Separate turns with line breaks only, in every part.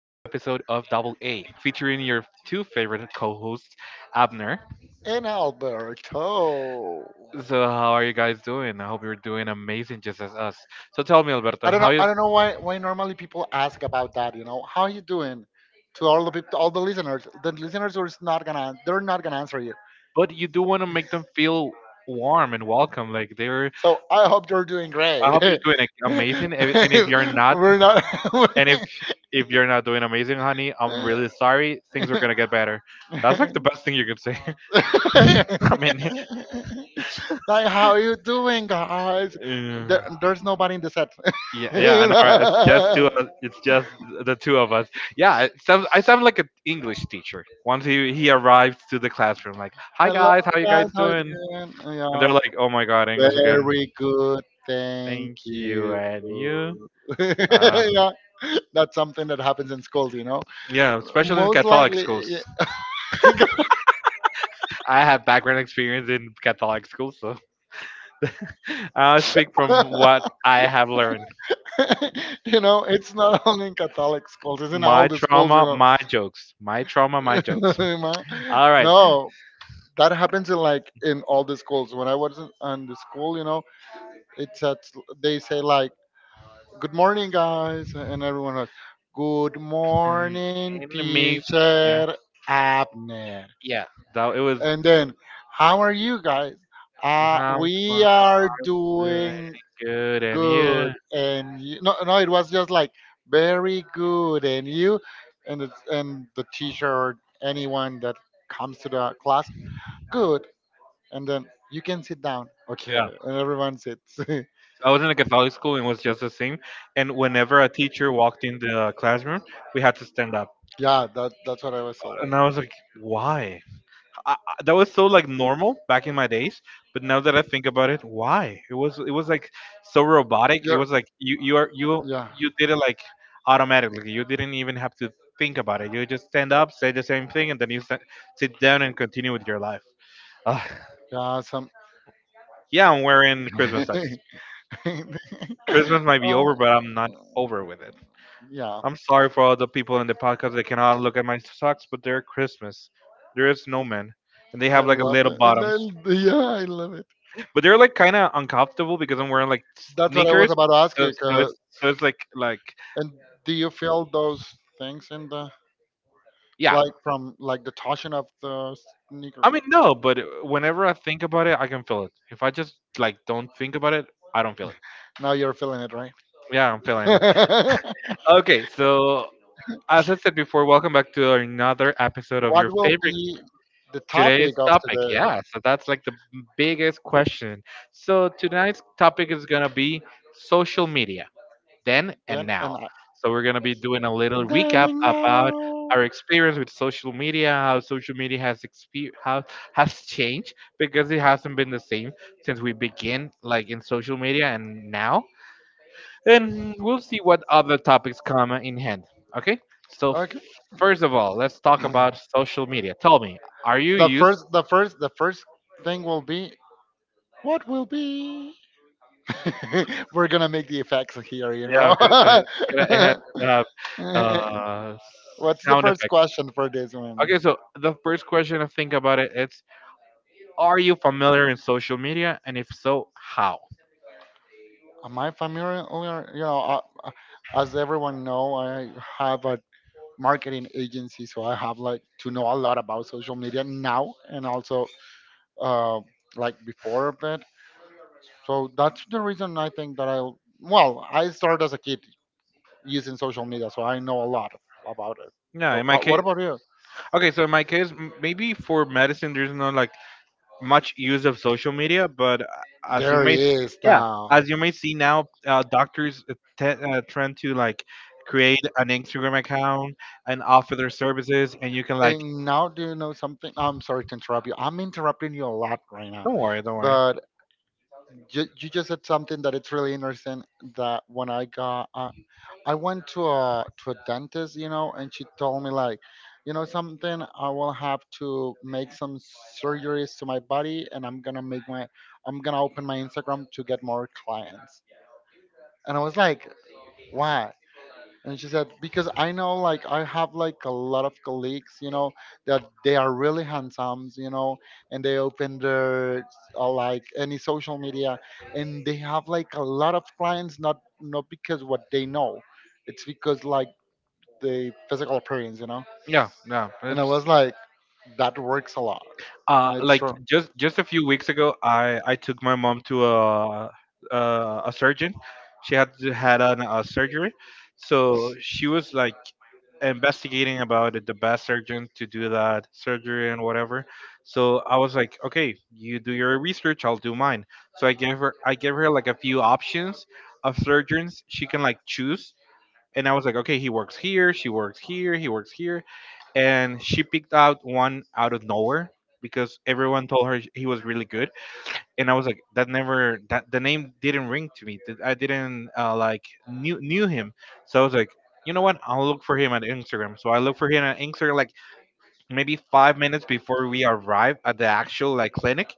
of Double A, featuring your two favorite co hosts, Abner.
In Alberto.
So, how are you guys doing? I hope you're doing amazing just as us. So, tell me,
I
Alberto,
don't know.
how
I
you.
don't know why. Why normally people ask about that? You know, how are you doing? To all the people, all the listeners, the listeners are not gonna answer you.
But you do want to make them feel warm and welcome. Like, they're.
So I hope you're doing
I
great.
hope you're doing amazing. And if you're not,
We're not.
and if you're not doing amazing, honey, I'm really sorry. Things are going to get better. That's like the best thing you can say. I mean,
Like how you doing guys
Yeah,
there's nobody in the set.
yeah, yeah, I
You
know, right? It's just
know,
It's just the two of us. Yeah, I sound like an English teacher. Once he arrived to the classroom, like, "Hi
hello
guys, how you
guys,
guys
how you
doing?"
doing?
And they're
Yeah,
like, "Oh my God, English again."
very good, thank
Thank you,
you.
and you. Uh,
Yeah, that's something that happens in schools, you know.
yeah, especially in
Most
Catholic
likely.
schools.
Yeah.
I have background experience in Catholic schools, so I speak from what I have learned.
You know, it's not only in Catholic schools, it's in all
My
the schools,
trauma,
you
my jokes. My trauma, my
know.
jokes. All right.
No, that happens in like in all the schools. When I was in on the school, you know, it's at they say like, "Good morning, guys," and everyone goes, "Good
Um,
morning,
Enemies. Yeah.
teacher Abner,"
Yeah. That it was.
and then, "How are you guys?" Uh,
I'm
we are
doing
doing
good, and you?
good, and you, no, no, it was just like, "Very good, and you," and it's, and the teacher or anyone that comes to the class, good. And then, "You can sit down."
Yeah.
Okay, and everyone sits.
I was in a Catholic school and it was just the same. And whenever a teacher walked in the classroom, we had to stand up.
Yeah, that's what I was told.
And I was like, why? That was so like normal back in my days, but now that I think about it, why? It was like so robotic. It
Yeah,
was like you are you
yeah,
you did it like automatically. You didn't even have to think about it. You just stand up, say the same thing, and then you sit down and continue with your life. Ah,
yeah. Some.
yeah, I'm wearing Christmas socks. Christmas might be over,
Oh,
but I'm not over with it.
yeah,
I'm sorry for all the people in the podcast that cannot look at my socks, but they're Christmas. They're a snowman, and they
I
have like a
love
little
it, and
bottoms.
I, yeah, I love it.
But they're like kind of uncomfortable because I'm wearing like
That's what I was
sneakers.
about to ask
So
you.
so
'Cause
it's so it's like
and do you feel those things in the,
yeah.
like from like the torsion of the sneaker?
I mean no, but whenever I think about it, I can feel it. If I just like don't think about it, I don't feel it.
Now you're feeling it, right?
Yeah, I'm feeling it. Okay, so as I said before, welcome back to another episode of
What
your
will
favorite
be the
today's
topic of
topic.
today?
Yeah, so that's like the biggest question. So tonight's topic is gonna be social media, then and
Then and
now.
I.
So we're going to be doing a little
Then
recap
and
about
now.
our experience with social media, how social media has exper- how has changed because it hasn't been the same since we began like in social media and now. And we'll see what other topics come in hand. Okay? So
Okay.
first of all, let's talk about social media. Tell me, are you
the
used
first, the first, the first thing will be, what will be. We're gonna make the effects here, you
yeah,
know.
okay, so it has to have uh,
What's the
sound
first
effect.
question for this one?
Okay, so the first question I think about it is are you familiar in social media? And if so, how?
Am I familiar? You know, as everyone know, I have a marketing agency, so I have like to know a lot about social media now, and also uh, like before of it. So that's the reason, I think that I will, well, I started as a kid using social media, so I know a lot about it.
Yeah,
So
in my
what
case,
about you?
okay, so in my case, maybe for medicine, there's not like much use of social media, but as you
There
may,
he
yeah,
now.
as you may see now, doctors trend to like create an Instagram account and offer their services, and you can like,
And now, do you know something? I'm sorry to interrupt you, I'm interrupting you a lot right now,
don't worry, don't worry.
but you just said something that it's really interesting, that when I got, I went to a dentist, you know, and she told me like, you know, something. I will have to make some surgeries to my body, and I'm gonna open my Instagram to get more clients. And I was like, "Why?" And she said, "Because I know like I have like a lot of colleagues, you know, that they are really handsome, you know, and they open their like any social media, and they have like a lot of clients, not because what they know, it's because like the physical appearance, you know?"
Yeah, no,
And I
it's
was like, "That works a lot." And it's
Like
true.
just a few weeks ago, I took my mom to a a surgeon. She had an, a surgery, so she was like investigating about it, the best surgeon to do that surgery and whatever. So I was like, okay, you do your research, I'll do mine. So I gave her like a few options of surgeons she can like choose and I was like, okay, he works here, she works here, he works here, and she picked out one out of nowhere because everyone told her he was really good, and I was like, that the name didn't ring to me, that I didn't like knew him, so I was like, you know what? I'll look for him at Instagram. So I look for him at Instagram like maybe 5 minutes before we arrive at the actual like clinic,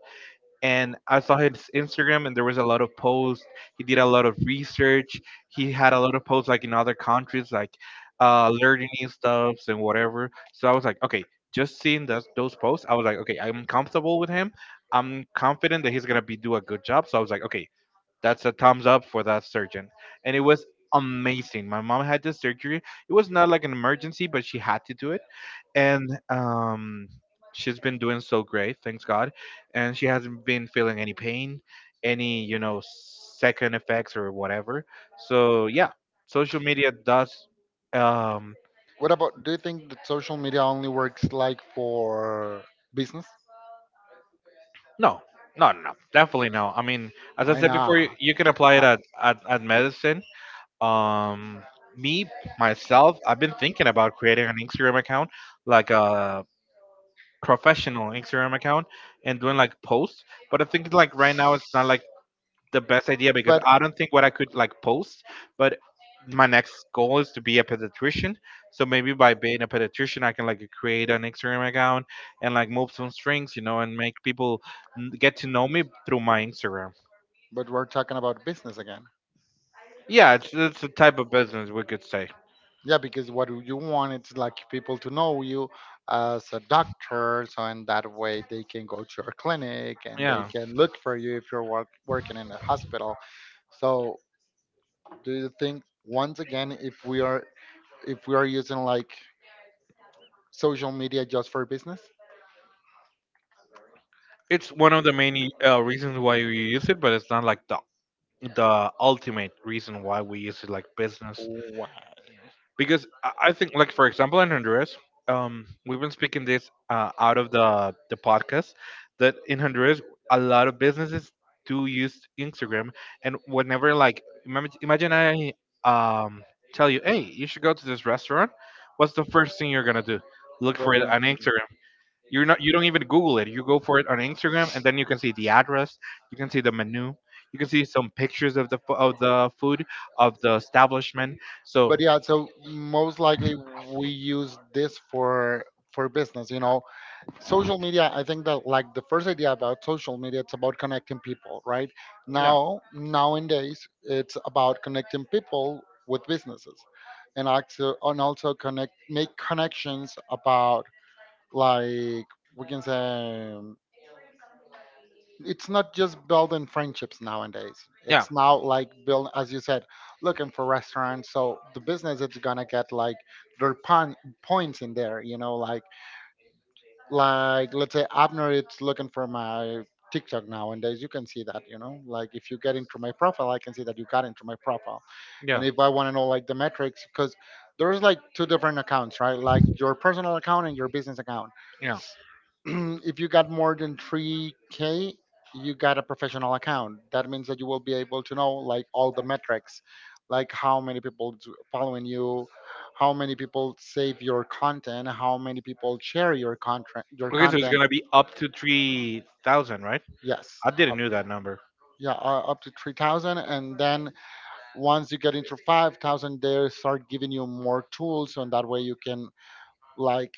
and I saw his Instagram, and there was a lot of posts. He did a lot of research. He had a lot of posts like in other countries, like learning new stuffs and whatever. So I was like, okay, just seeing those posts, I was like, okay, I'm comfortable with him. I'm confident that he's gonna be do a good job. So I was like, okay, that's a thumbs up for that surgeon. And it was amazing. My mom had this surgery. It was not like an emergency, but she had to do it. And she's been doing so great, thanks God. And she hasn't been feeling any pain, any, you know, second effects or whatever. So, yeah, social media does um
What about, do you think that social media only works like for business?
no. No, no, no, definitely no. I mean, as I
I
said
know.
before, you can apply
Uh,
it at medicine. um me myself, I've been thinking about creating an Instagram account, like a professional Instagram account, and doing like posts, but I think like right now it's not like the best idea because
but
I don't think what I could like post, but my next goal is to be a pediatrician, so maybe by being a pediatrician I can like create an Instagram account and like move some strings, you know, and make people get to know me through my Instagram.
but we're talking about business again.
Yeah, it's a type of business we could say.
Yeah, because what you want is like people to know you as a doctor, so in that way they can go to your clinic and they
Yeah,
can look for you if you're work, working in a hospital. So, do you think once again, if we are, if we are using like social media just for business?
it's one of the main reasons why we use it, but it's not like the ultimate reason why we use it like business.
Why?
Because I think, like for example, in Honduras, we've been speaking this out of the podcast that in Honduras a lot of businesses do use Instagram, and whenever like imagine I um tell you, hey, you should go to this restaurant. What's the first thing you're gonna do? Look for it
Gordon.
on Instagram. You're not. You don't even Google it. You go for it on Instagram, and then you can see the address. You can see the menu. You can see some pictures of of the food of the establishment. So
But yeah, so most likely we use this for business, you know. Social media, I think that like the first idea about social media, it's about connecting people, right?
yeah,
Now nowadays it's about connecting people with businesses, and also, and also connect, make connections about, like, we can say, it's not just building friendships nowadays,
yeah,
it's now like build, as you said, looking for restaurants, so the business is gonna get like their points in there, you know. Like let's say Abner it's looking for my TikTok, nowadays you can see that, you know. Like if you get into my profile I can see that you got into my profile. And
yeah,
if I want to know like the metrics, because there's like two different accounts, right? Like your personal account and your business account.
yeah.
If you got more than 3k, you got a professional account. That means that you will be able to know like all the metrics, like how many people following you, how many people save your content, how many people share your
Okay, so it's
content.
gonna be up to 3,000, right?
Yes.
I didn't know that number.
Yeah, up to 3,000, and then once you get into 5,000 they start giving you more tools, and that way you can like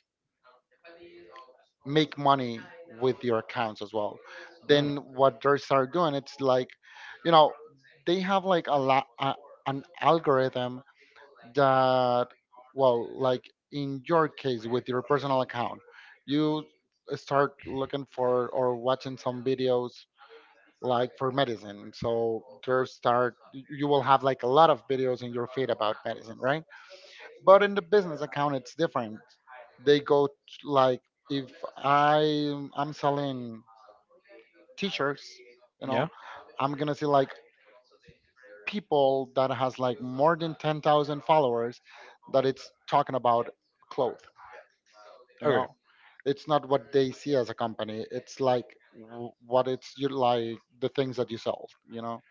make money with your accounts as well.
Mm.
Then what they start doing, it's like, you know, they have like an algorithm that, well, like in your case, with your personal account, you start looking for or watching some videos, like for medicine. So they start, you will have like a lot of videos in your feed about medicine, right? But in the business account, it's different. They go like, if I, I'm selling t-shirts, you know,
Yeah.
I'm gonna see like people that has like more than 10,000 followers that it's talking about clothes. You
Okay.
know, it's not what they see as a company. It's like what it's you like, the things that you sell, you know.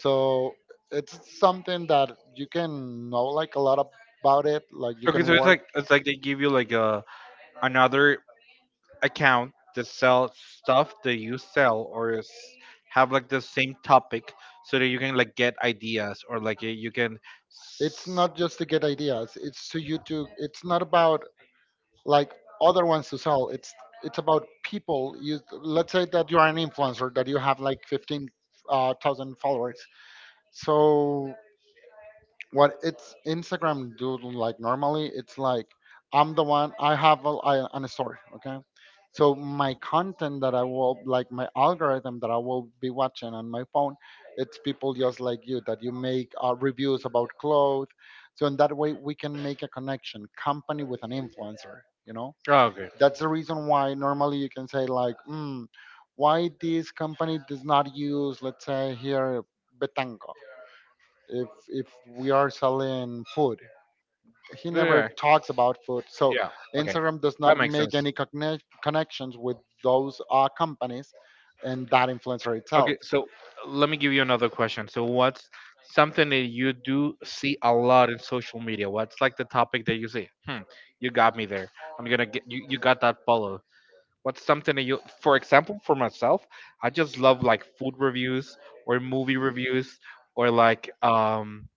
So it's something that you can know like a lot about it. Like you
Okay, so
can work.
it's like they give you like a another account that sells stuff that you sell or s- have like the same topic so that you can like get ideas or like you can
It's
s-
not just to get ideas. It's to you to. It's not about, like, other ones to sell. It's about people. You, let's say that you are an influencer that you have like fifteen thousand followers. So what it's Instagram do, like normally it's like, I'm the one, I have a, I, an story, okay. So my content that I will like, my algorithm that I will be watching on my phone, it's people just like you that you make reviews about clothes. So in that way, we can make a connection, company with an influencer. You know,
oh, okay.
that's the reason why normally you can say like, mm, why this company does not use, let's say here, Betanco, if we are selling food. He
Yeah,
never talks about food, so
yeah, okay,
Instagram does
that
not
makes sense.
make any connections with those companies and that influencer itself.
Okay, so let me give you another question. So what's something that you do see a lot in social media? What's like the topic that you see? Hmm, you got me there. I'm gonna get you, you got that follow. What's something that you, for example, for myself, I just love like food reviews or movie reviews or like,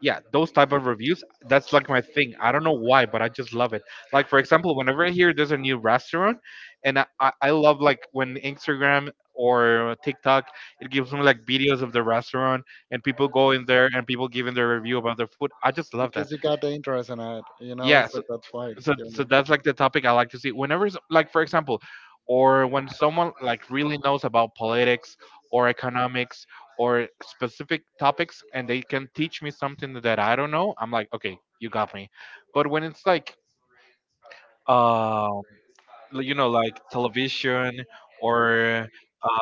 yeah, those type of reviews. That's like my thing. I don't know why, but I just love it. Like for example, whenever I hear there's a new restaurant, and I I love like when Instagram or TikTok it gives me like videos of the restaurant and people go in there and people giving their review about their food. I just love that.
Because you got the interest in it, you know.
Yeah,
So
so
that's why it's
so
giving
so
you.
that's like the topic I like to see. Whenever, like for example, or when someone like really knows about politics or economics or specific topics, and they can teach me something that I don't know, I'm like, okay, you got me. But when it's like, um, you know, like television or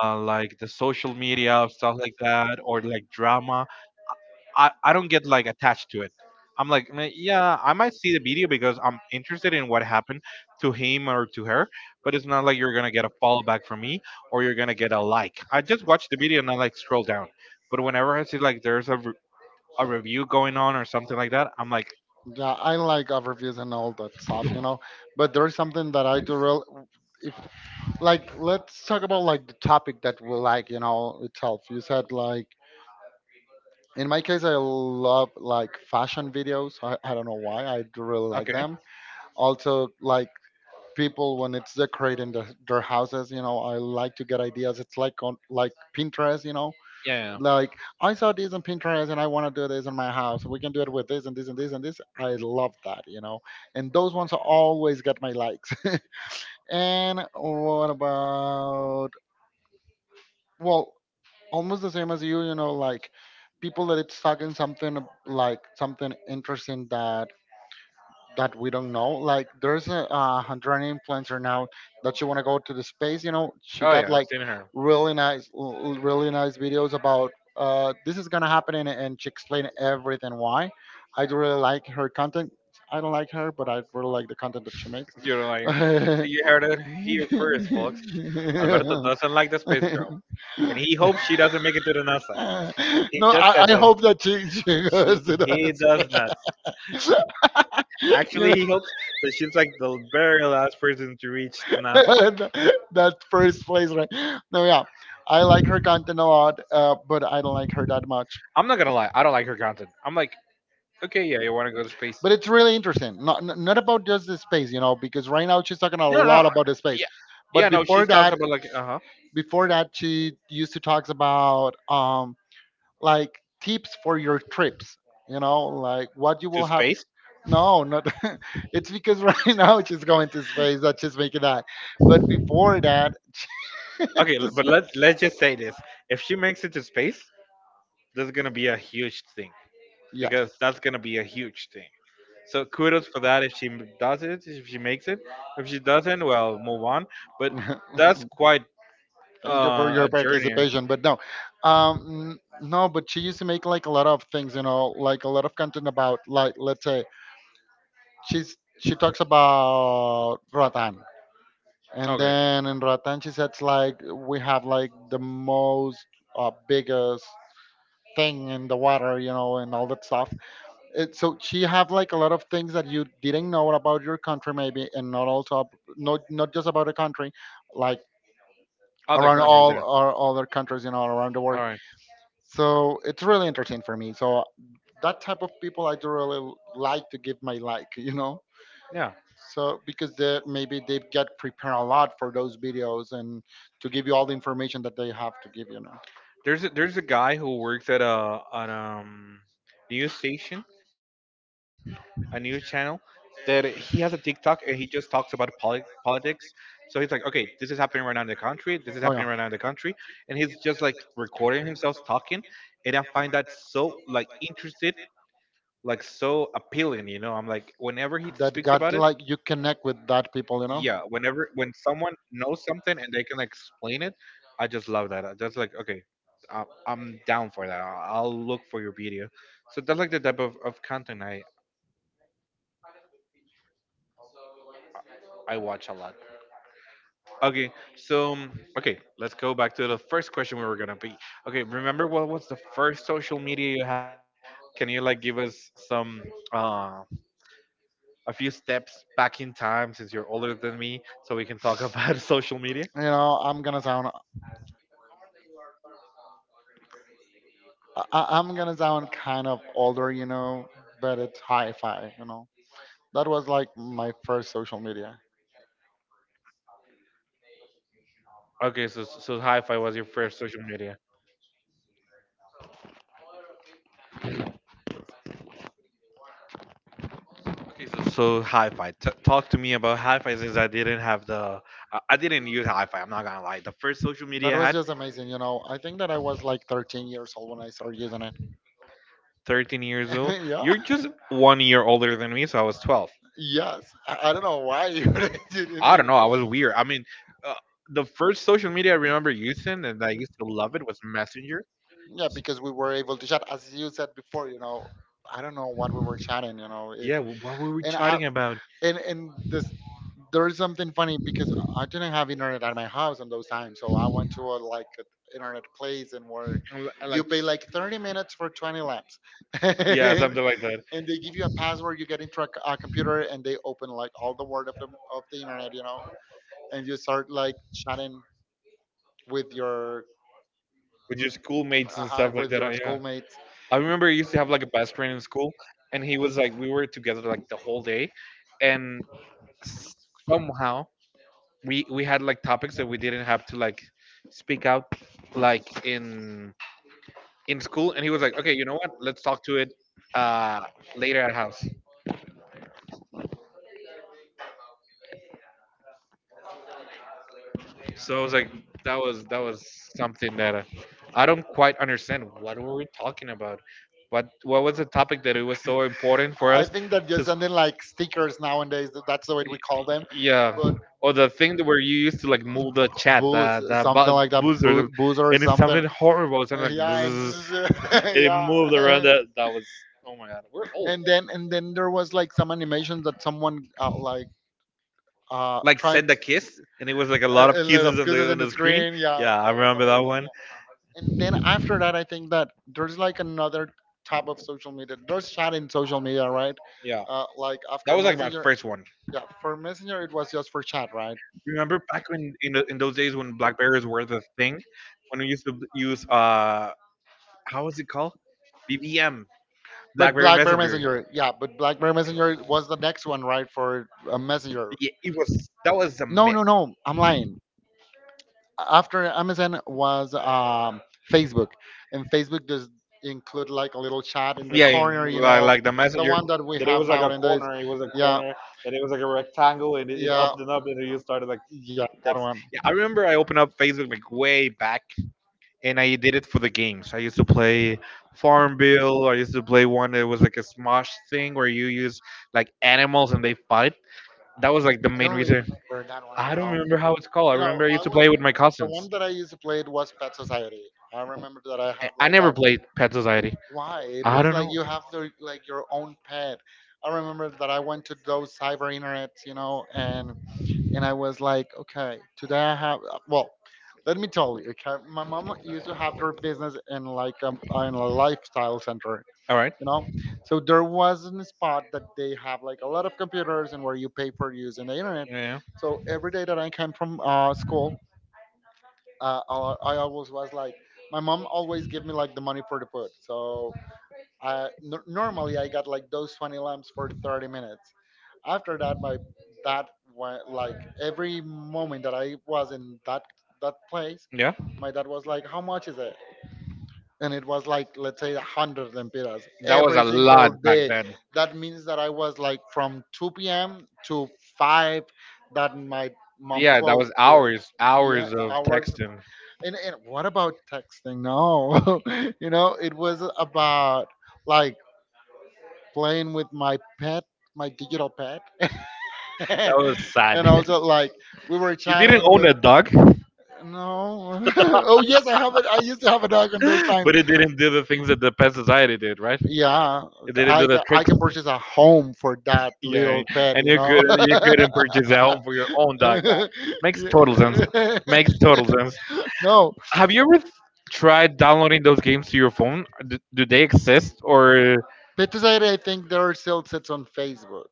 like the social media stuff like that, or like drama, I don't get like attached to it. I'm like, "Meh, yeah, I might see the video because I'm interested in what happened to him or to her, but it's not like you're gonna get a follow back from me or you're gonna get a like." I just watch the video and I like scroll down. But whenever I see like there's a, a review going on or something like that, I'm like,
Yeah, I like overviews and all that stuff, you know. But there is something that I do real. If, like, let's talk about like the topic that we like, you know, itself. You said like, in my case, I love like fashion videos. I don't know why. I do really like
okay,
them. Also, like people when it's decorating their houses, you know, I like to get ideas. It's like on like Pinterest, you know,
yeah,
like I saw this on Pinterest and I want to do this in my house. We can do it with this and this and this and this. I love that, you know. And those ones always got my likes. And what about, well, almost the same as you, you know. Like people that it's stuck in something like something interesting that that we don't know. Like there's a Hungarian influencer now that she want to go to the space, you know. She
oh
got
yeah, I've
like
seen her.
really nice really nice videos about, uh, this is gonna happen, and she explained everything why. I do really like her content. I don't like her, but I really like the content that she makes.
You know, like, so you heard it here first, folks. Alberto doesn't like the space girl, and he hopes she doesn't make it to the NASA.
Uh,
He
no,
just said
I
that.
hope that she
She,
goes to that.
he does not.
You
Actually,
know,
he hopes that she's like the very last person to reach to NASA.
that first place, right? No, yeah, I like her content a lot, but I don't like her that much.
I'm not gonna lie, I don't like her content. I'm like, okay, yeah, you want to go to space?
But it's really interesting. Not not about just the space, you know, because right now she's talking a
No, no,
lot about the space.
yeah,
But
yeah, no. She talks about like, uh huh,
before that, she used to talk about, like, tips for your trips, you know, like what you
to
will have.
space.
No, not it's because right now she's going to space that she's making that, but before that.
Okay, but let's just say this: if she makes it to space, that's gonna be a huge thing
Yes.
because that's gonna be a huge thing. So kudos for that if she does it, if she makes it. If she doesn't, well, move on. But that's quite
Thank you for your
a journey.
participation, but no. um n- no, but she used to make like a lot of things, you know, like a lot of content about, like, let's say she's, she talks about Ratan. And
Okay,
then in Ratanchis, it's like we have like the most biggest thing in the water, you know, and all that stuff. It, so she have like a lot of things that you didn't know about your country, maybe, and not also not just about the country, like
other
around
countries.
all
Yeah.
our other countries, you know, around the world.
All right.
So it's really interesting for me. So that type of people, I do really like to give my like, you know,
Yeah.
so because they've got prepared a lot for those videos and to give you all the information that they have to give, you know.
There's a guy who works at a an news station, a news channel, that he has a TikTok and he just talks about politics. So he's like, okay, this is happening right now in the country.
Oh
This is
yeah,
happening right now in the country, and he's just like recording himself talking, and I find that so like interested, like so appealing. You know, I'm like, whenever he
that
speaks
got
about it.
like, you connect with that people, you know.
Yeah, whenever when someone knows something and they can like explain it, I just love that. I just like, okay, I'm down for that. I'll look for your video. So that's like the type of content I watch a lot. Okay. So okay, let's go back to the first question we were gonna be. Okay, remember, what was the first social media you had? Can you like give us some uh a few steps back in time, since you're older than me, so we can talk about social media.
You know, I'm gonna sound I'm gonna sound kind of older, you know, but it's hi-fi, you know. That was like my first social media.
Okay, so so hi-fi was your first social media. Okay, so, so hi-fi. Talk to me about hi-fi, since I didn't have the, I didn't use hi-fi. I'm not gonna lie. The first social
That
media I
was
had,
just amazing, you know. I think that I was like 13 years old when I started using it.
13 years old.
Yeah.
You're just 1 year older than me, so I was 12.
Yes, I don't know why you didn't
I don't
even.
know. I was weird. I mean, uh, the first social media I remember using and I used to love it was Messenger.
Yeah, because we were able to chat, as you said before. You know, I don't know what we were chatting. You know, if
Yeah, what were we
and I
chatting about?
and this there is something funny because I didn't have internet at my house in those times, so I went to a like a internet place and where
I li- I
you
like,
pay like 30 minutes for 20 laps
yeah,
and,
something like that.
and they give you a password, you get into a, a computer, and they open like all the word of the internet, you know, and you start like chatting with your
With your schoolmates and stuff like
with
that.
your
I, yeah.
schoolmates.
I remember I used to have like a best friend in school, and he was like, we were together like the whole day, and s- somehow we had like topics that we didn't have to like speak out like in school, and he was like, okay, you know what? Let's talk to it uh later at house. So I was like, that was something that I don't quite understand. What were we talking about? What was the topic that it was so important for
I
us
think that
to?
just something like stickers nowadays, that's the way
Y-
we call them.
Yeah,
But
or the thing that where you used to like move the chat,
booze,
the
something like that,
buzzer, the-
booze or
and it's
something.
something horrible. It's something like
Yeah, and
bzzz, and it moved around.
yeah,
That that was, oh my god, we're
and
old.
then there was like some animation that someone
Like
tried
send a kiss, and it was like a lot of
a lot
kisses
of gooses in
on
the
the screen.
screen. Yeah,
Yeah, I
that was
remember that
amazing.
one.
And then after that, I think that there's like another type of social media. There's chat in social media, right?
Yeah,
Like
that
after
was like my
Messenger.
first one.
Yeah, for Messenger it was just for chat, right?
Remember back when in the, in those days when Blackberries were the thing, when we used to use how was it called? BBM,
But
BlackBerry
BlackBerry
Messenger.
Messenger, yeah, but BlackBerry Messenger was the next one, right, for a Messenger.
Yeah, it was that was a
No, no, no, I'm lying. After Amazon was Facebook, and Facebook does include like a little chat in the
yeah,
corner, you know,
like the
the
messenger
one that we
that it
have
was like a
nowadays.
corner, it was a
Yeah,
corner, and it was like a rectangle, and it
yeah,
upped and up, and you started like
yeah, that
text.
one.
Yeah, I remember I opened up Facebook like way back, and I did it for the games. I used to play Farmville. I used to play one that was like a Smosh thing where you use like animals and they fight. That was like the
I
main
don't really
reason.
remember that one.
I don't remember how it's called. I
You know,
remember I
I
used to
was
play with my
the one
cousins.
that I used to play. It was Pet Society. I remember that I have
I
like a,
never played Pet Society.
why it
I
was
don't
like
know.
you have the like your own pet. I remember that I went to those cyber internets, you know, and I was like, okay, today I have well. Let me tell you, okay, my mom used to have her business in like a, in a lifestyle center,
All right.
you know, so there was a spot that they have like a lot of computers and where you pay for using the internet.
Yeah.
So every day that I came from school, I always was like my mom always give me like the money for the food. So uh, normally I got like those 20 lamps for 30 minutes. After that, my that went like every moment that I was in that place,
Yeah.
my dad was like, "How much is it?" And it was like, let's say, 100 lempiras
That was
every
a
single
lot back
day.
then.
That means that I was like from 2 p.m to 5 that my mom
Yeah, that was
closed the,
hours,
yeah,
hours of
hours,
texting.
and what about texting, no. You know, it was about like playing with my pet, my digital pet.
That was sad.
And also like we were
You didn't
chatting
own
with,
a dog?
no. Oh yes, I have it, I used to have a dog in those times.
But it didn't do the things that the pet society did, right?
Yeah,
It didn't do the
I
tricks.
can purchase a home for that
Yeah,
little pet,
and
you
you
know.
could, you couldn't purchase a home for your own dog. Makes total sense.
Yeah.
Makes total sense.
No,
Have you ever tried downloading those games to your phone? Do, do they exist or
Pet Society. I think there are still sits on Facebook.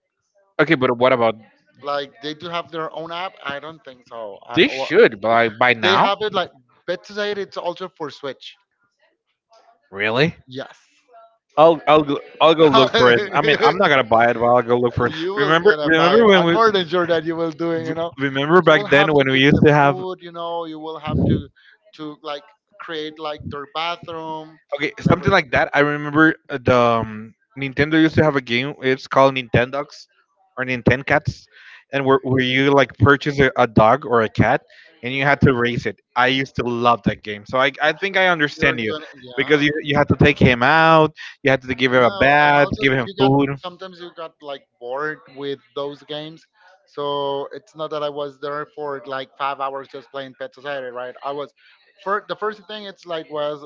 okay? But what about
Like, they do have their own app. I don't think so.
they should by
They
now?
have it like Pet Society. It's also for Switch.
Really?
Yes.
I'll go look for it. I mean, I'm not gonna buy it, but I'll go look for it.
You will gonna buy
Remember
it.
when
I'm
we
more than sure that you will do it. You know,
remember
you will
back then
have
when we used to have
food, you know, you will have to like create like their bathroom
okay,
and
something
everything.
like that. I remember the Nintendo used to have a game. It's called Nintendogs or Nintendo Cats, and where you like purchase a dog or a cat, and you had to race it. I used to love that game. So I think I understand
You're
you,
gonna,
because
yeah,
you had to take him out, you had to give him a
no, and
bath,
also
give him
you got
food.
sometimes you got like bored with those games. So it's not that I was there for like 5 hours just playing pet society, right? I was, for the first thing, it's like was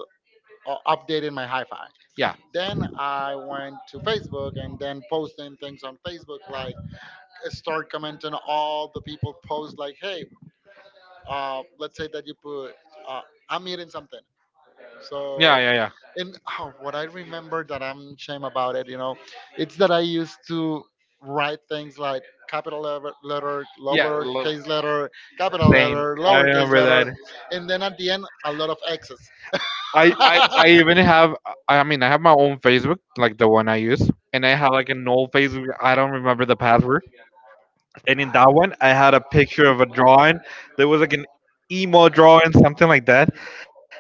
updating my hi-fi.
Yeah.
Then I went to Facebook and then posting things on Facebook like start commenting all the people post, like, hey, let's say that you put, uh, I'm eating something,
Yeah.
so.
Yeah. Yeah.
And oh, what I remember that I'm shame about it, you know, it's that I used to write things like capital letter
Yeah. Love.
lowercase letter, capital
Same.
letter
I
lowercase
remember that.
letter, and then at the end a lot of x's.
I even have I mean, I have my own Facebook, like the one I use. And I have like an old Facebook, I don't remember the password. And in that one I had a picture of a drawing. There was like an emo drawing, something like that.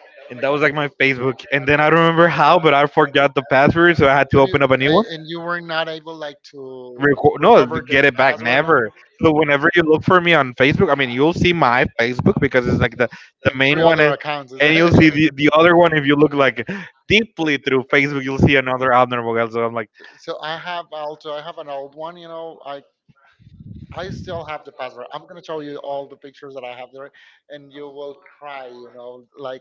And that was like my Facebook. And then I don't remember how, but I forgot the password, so I had to
But
open up
you,
a new one.
and you were not able like to
Record, no,
recover
get
the
it back,
password now?
never. So whenever you look for me on Facebook, I mean, you'll see my Facebook because it's like the
And
main
three
one,
other accounts, is
and you'll see
it?
the other one. If you look like deeply through Facebook, you'll see another abnormal guy. So I'm like,
So I have also, I have an old one, you know, I still have the password. I'm gonna show you all the pictures that I have there, and you will cry, you know, like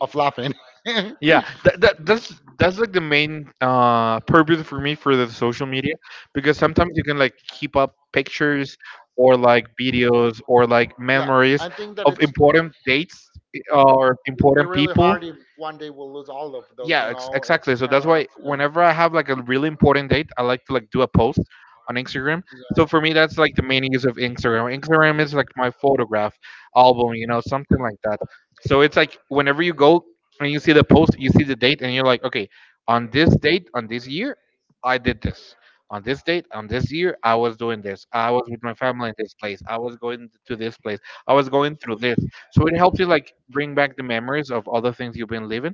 of laughing. Yeah,
yeah, that, that's like the main purpose for me for the social media, because sometimes you can like keep up pictures or like videos or like memories
I think that
of
it's
important dates or
would be
important
really
people.
hard if one day we'll lose all of those.
Yeah,
You know, it's
exactly. So
kind
that's
of,
why
yeah.
whenever I have like a really important date, I like to like do a post on Instagram. So
Yeah.
for me that's like the main use of Instagram. Instagram is like my photograph album, you know, something like that. So it's like whenever you go and you see the post, you see the date, and you're like, okay, on this date, on this year I did this. On this date, on this year, I was doing this, I was with my family in this place, I was going to this place, I was going through this. So it helps you like bring back the memories of all the things you've been living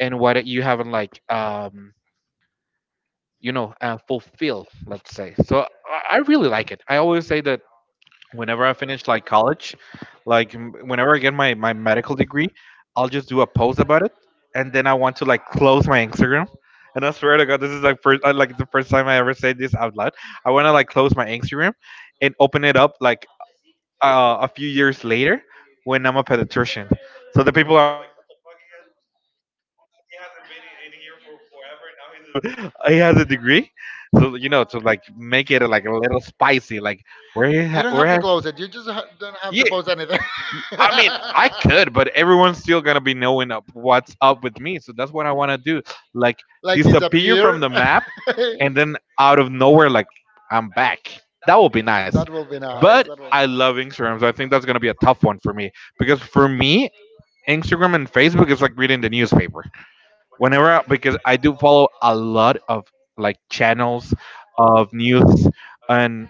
and what you haven't like you know fulfilled, let's say. So I really like it. I always say that whenever I finish like college, like whenever I get my, my medical degree, I'll just do a post about it, and then I want to like close my Instagram. And I swear to god, this is like first like the first time I ever said this out loud. I want to like close my Instagram and open it up like a few years later when I'm a pediatrician. So the people are like, what the fuck, he hasn't been in here for forever, and now he's a he has a degree. So you know, to like make it like a little spicy, like where he
You don't
where
have
has
to close it. You just don't have
yeah.
to post anything.
I mean, I could, but everyone's still gonna be knowing what's up with me. So that's what I want to do, like
Like
disappear
disappear.
from the map, and then out of nowhere, like I'm back.
That
That would be nice.
will be nice.
But
That will
I love Instagram, so I think that's gonna be a tough one for me, because for me, Instagram and Facebook is like reading the newspaper whenever I, because I do follow a lot of like channels of news and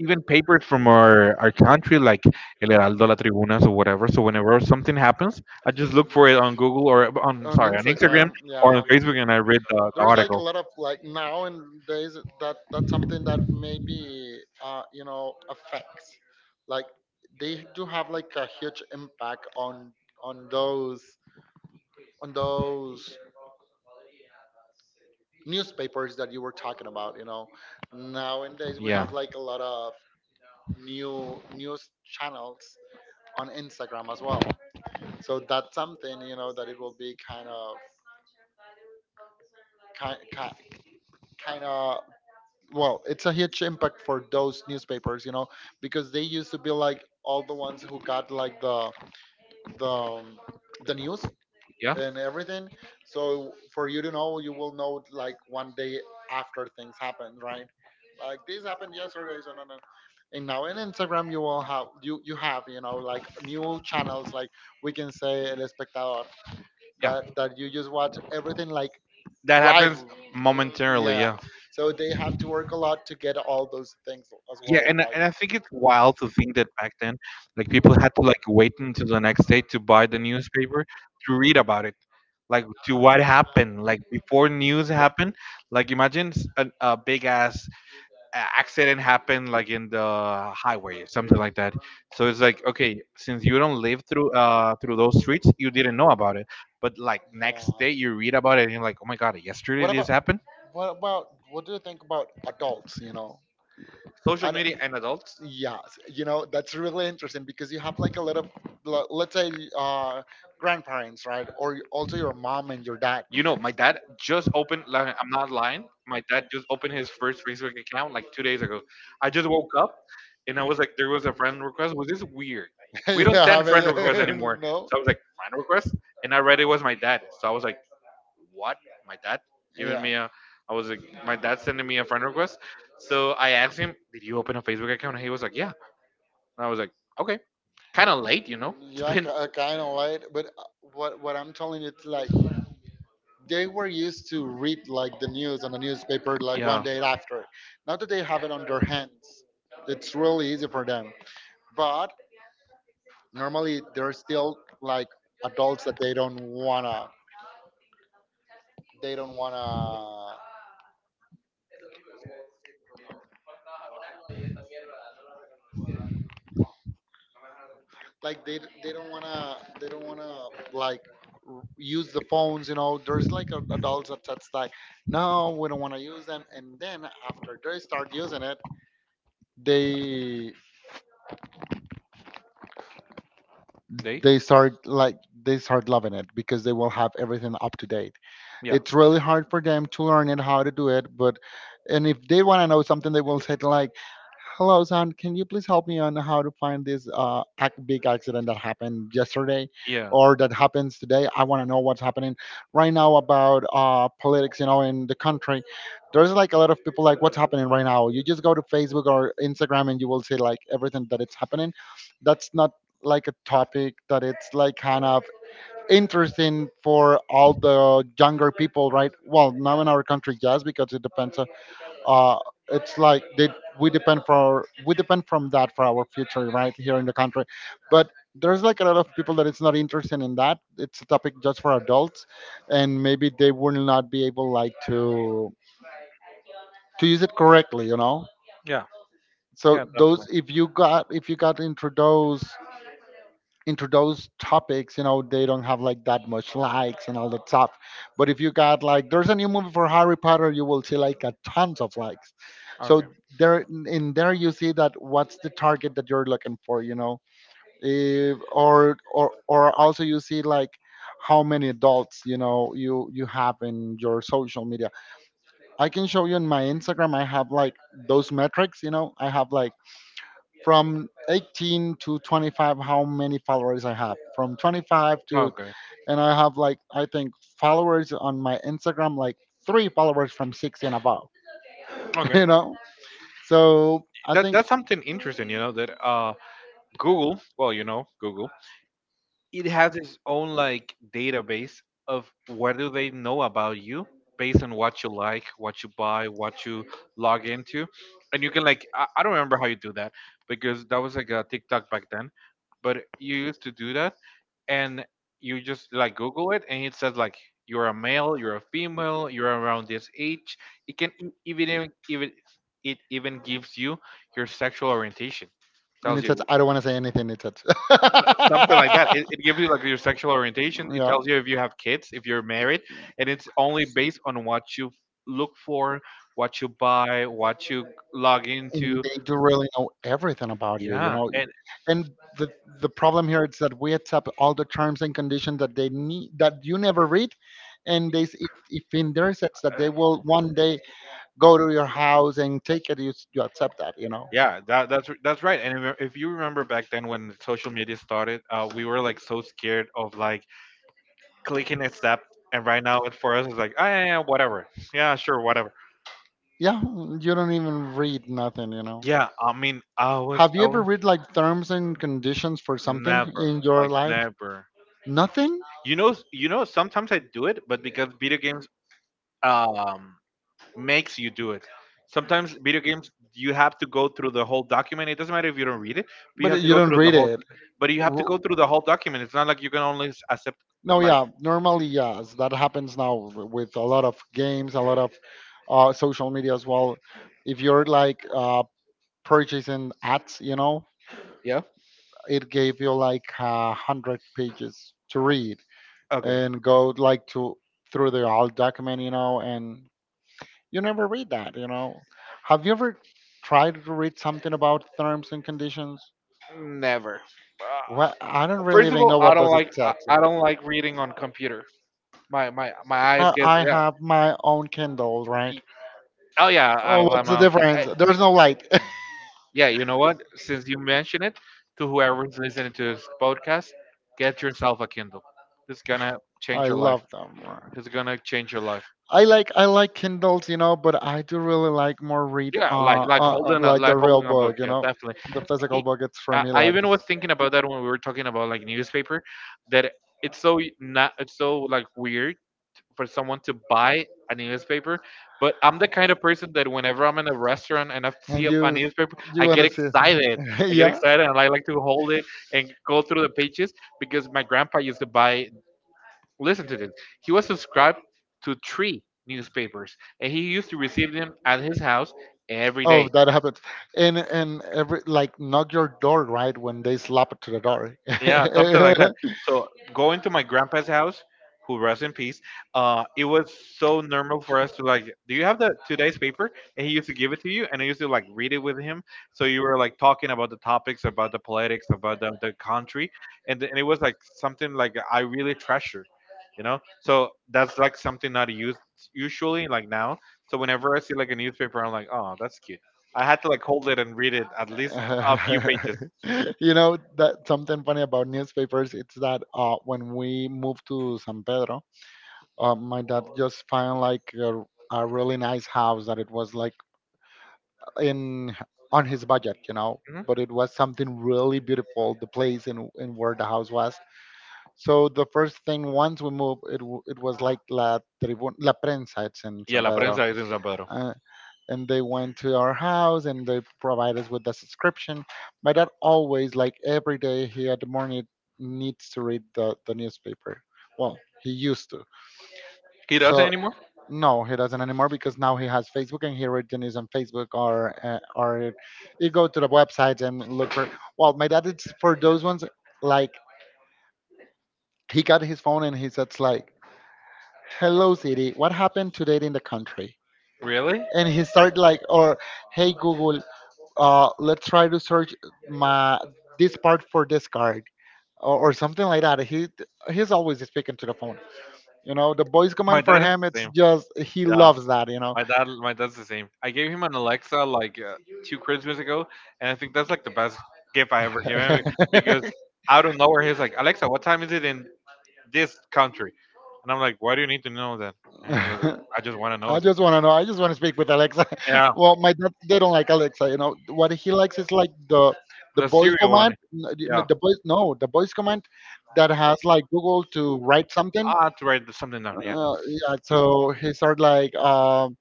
even papers from our country, like El Heraldo, La Tribunas, or whatever. So whenever something happens, I just look for it on Google or on,
on
sorry, on Instagram
Instagram.
or
Yeah.
on Facebook, and I read the
There's like a
article.
lot of like now and days that that's something that maybe uh, you know, affects, like, they do have like a huge impact on on those on those newspapers that you were talking about. You know, nowadays we
Yeah,
have like a lot of new news channels on Instagram as well. So that's something, you know, that it will be kind of kind kind of well, it's a huge impact for those newspapers. You know, because they used to be like all the ones who got like the um, the news
yeah,
and everything. So for you to know, you will know it, like one day after things happen, right? Like this happened yesterday, so no. And now in Instagram, you will have, you have, you know, like new channels, like, we can say El Espectador,
yeah.
that you just watch everything like
That
live.
happens
Mm.
momentarily,
Yeah,
yeah.
so they have to work a lot to get all those things as
Yeah,
well. Like,
and I think it's wild to think that back then, like people had to like wait until the next day to buy the newspaper to read about it, like to
yeah,
what
it's kind.
happened like before news happened. Like imagine a big ass accident happened like in the highway or something like that. So it's like, okay, since you don't live through through those streets, you didn't know about it, but like
Yeah.
next day you read about it and you're like, oh my god, yesterday
What
this
about news,
happened.
what about what do you think about adults? You know,
Social
ad,
media and adults.
yes, you know, that's really interesting because you have like a lot of, let's say, grandparents, right? Or also your mom and your dad.
You know, my dad just opened. Like, I'm not lying. My dad just opened his first Facebook account like 2 days ago. I just woke up and I was like, there was a friend request. Was this weird? We
You, my,
don't
yeah, I
send friend requests
mean, born,
anymore.
no,
So I was like, friend request, and I read it was my dad. So I was like, what? My dad
like,
giving
yeah,
me a. I was like, my dad sending me a friend request. So I asked him, did you open a Facebook account? And he was like, yeah. And I was like, okay. Kind of late, you
you know.
know. It's
Yeah, you
been
know, kind of late. But what I'm telling you, it's like they were used to read like the news on the newspaper like one day after. Now that they have it on their hands, it's really easy for them. But normally they're still like adults that they don't wanna they don't wanna like, they d- they don't wanna like, use the phones, you know. There's like a, adults that that's like, no, we don't want to use them, and then after they start using it, they
They?
they start like they start loving it because they will have everything up to date. It's really hard for them to learn it how to do it, but, and if they want to know something, they will say like, Hello, San. Can you please help me on how to find this big accident that happened yesterday
Yeah.
or that happens today? I want to know what's happening right now about politics, you know, in the country. There's like a lot of people like, what's happening right now? You just go to Facebook or Instagram and you will see like everything that it's happening. That's not like a topic that it's like kind of interesting for all the younger people, right? Well, now in our country, yes, because it depends uh, it's like they we depend for we depend from that for our future right here in the country. But there's like a lot of people that it's not interested in that, it's a topic just for adults, and maybe they will not be able like to use it correctly, you know.
Yeah.
So those, if you got into those topics, you know, they don't have like that much likes and all that stuff. But if you got like, there's a new movie for Harry Potter, you will see like a tons of likes. So there, in there, you see that what's the target that you're looking for, you know, if, or or also you see like how many adults, you know, you have in your social media. I can show you in my Instagram. I have like those metrics, you know, I have like from 18 to 25, how many followers I have from 25 to.
Okay.
And I have like, I think, followers on my Instagram, like three followers from 60 and above.
Okay.
You know, so I
That
think.
that's something interesting, that Google, Google, it has its own like database of what do they know about you based on what you like what you buy what you log into, and you can like I don't remember how you do that because that was like a tiktok back then, but you used to do that. And you just like google it, and it says like you're a male, you're a female, you're around this age. It can e- even even it even gives you your sexual orientation,
And
tells
it says,
you
I don't want to say anything, it says,
something like that. It gives you like your sexual orientation. It
yeah.
tells you if you have kids, if you're married, and it's only based on what you look for, what you buy, what you log
And
into.
they do really know everything about you, you
Yeah,
know. Right.
and
And the the problem here is that we accept all the terms and conditions that they need, that you never read. And if in their sense that they
uh,
will one day go to your house and take it you accept that, you know.
yeah, that's right. And if you remember back then when social media started, we were like so scared of like clicking accept. And right now, it for us it's like, yeah, yeah, yeah, whatever. Yeah, sure, whatever.
Yeah. You don't even read nothing, you know.
Yeah, I mean, I was,
Have you
I
ever
was
read like terms and conditions for something
never,
in your
like
life?
never.
Nothing.
You know, you know. Sometimes I do it, but because video games um, makes you do it. Sometimes video games you have to go through the whole document. It doesn't matter if you don't read it, but you
But
have to
you
go
don't
through the
read
whole.
it.
But you have to go
W-
through the whole document. It's not like you can only accept
no,
like
yeah, normally yes, that happens now with a lot of games, a lot of social media as well. If you're like purchasing ads, you know,
yeah.
it gave you like 100 pages to read
Okay.
and go like to through the whole document, you know, and you never read that, you know. Have you ever tried to read something about terms and conditions?
Never. Uh,
Well, I don't really
First of
even
all,
know
I
what
don't
does
like
it say.
I don't like reading on computer. My eyes get
I
yeah.
have my own Kindle, right?
E- Oh yeah,
Oh,
I,
what's
I'm
the
okay.
difference? There's no light.
Yeah, you know what? Since you mentioned it, to whoever's listening to this podcast, get yourself a Kindle. It's gonna
I
change your life.
love them. Right.
It's gonna change your life.
I like Kindles, you know, but I do really like more read
Yeah,
like the
like
real
holding a book.
book, you
Yeah,
know,
definitely.
the physical
E-
book. It's for
I,
me
I
like
even
this.
was thinking about that when we were talking about like newspaper, that it's so not it's so like weird for someone to buy a newspaper. But I'm the kind of person that whenever I'm in a restaurant and I
And
see a
you
a newspaper,
you
I get
wanna see?
excited. I get
Yeah.
excited, and I like to hold it and go through the pages because my grandpa used to buy. Listen to this. He was subscribed to three newspapers, and he used to receive them at his house every
Oh,
day.
that happened. And every like knock your door right when they slap it to the door.
Yeah, something like that. So going to my grandpa's house, who rests in peace, it was so normal for us to like, do you have the today's paper? And he used to give it to you, and I used to like read it with him. So you were like talking about the topics, about the politics, about the country, and and it was like something like I really treasure. So that's like something not used usually like now. So whenever I see like a newspaper, I'm like, oh, that's cute. I had to like hold it and read it at least a few pages.
You know that something funny about newspapers it's that when we moved to San Pedro, my dad just found like a really nice house that it was like in on his budget, you know.
Mhm.
But it was something really beautiful, the place, and where the house was. So the first thing once we moved it, it was like La Tribuna, La Prensa, it's in
Yeah,
San
La
Pedro.
Prensa is in San Pedro.
Uh, and they went to our house and they provide us with the subscription. My dad always, like every day, he at the morning needs to read the newspaper. Well, he used to.
He doesn't
So
anymore?
no, he doesn't anymore because now he has Facebook and he reads the news on Facebook, or you go to the website and look for. Well, my dad is for those ones, like he got his phone and he says like, "Hello, Siri, what happened today in the country?"
Really?
And he started like, or, "Hey Google, let's try to search my this part for this card," or something like that. He's always speaking to the phone. You know, the voice
My
command for
dad is
him,
the
it's
same.
just he
Yeah,
loves that, you know.
my dad, my dad's the same. I gave him an Alexa like two Christmas ago, and I think that's like the best gift I ever gave him because out of nowhere he's like, "Alexa, what time is it in this country?" And I'm like, "Why do you need to know that?" And he was like, "I just want to know
I
it."
just want to know. I just want to speak with Alexa.
Yeah,
Well, my dad they don't like Alexa. You know what he likes is like the
the
voice
cereal one.
command. You know,
Yeah,
the voice, no, the voice command that has like Google to write something.
I have to write something down. Yeah,
Yeah, so he started like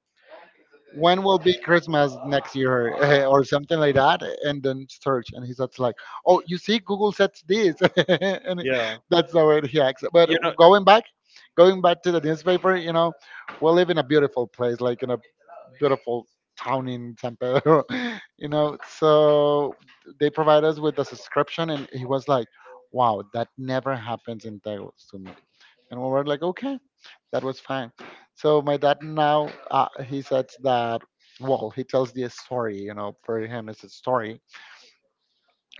when will be Christmas next year, or something like that, and then search, and he's just like, oh, you see, Google said this, and
yeah.
that's the way he acts. But
You know.
going back, going back to the newspaper, you know, we live in a beautiful place, like in a beautiful town in San Pedro, you know. So they provide us with a subscription, and he was like, wow, that never happens in Taos to me. And we were like, okay, that was fine. So my dad now, he says that, well, he tells the story, you know, for him it's a story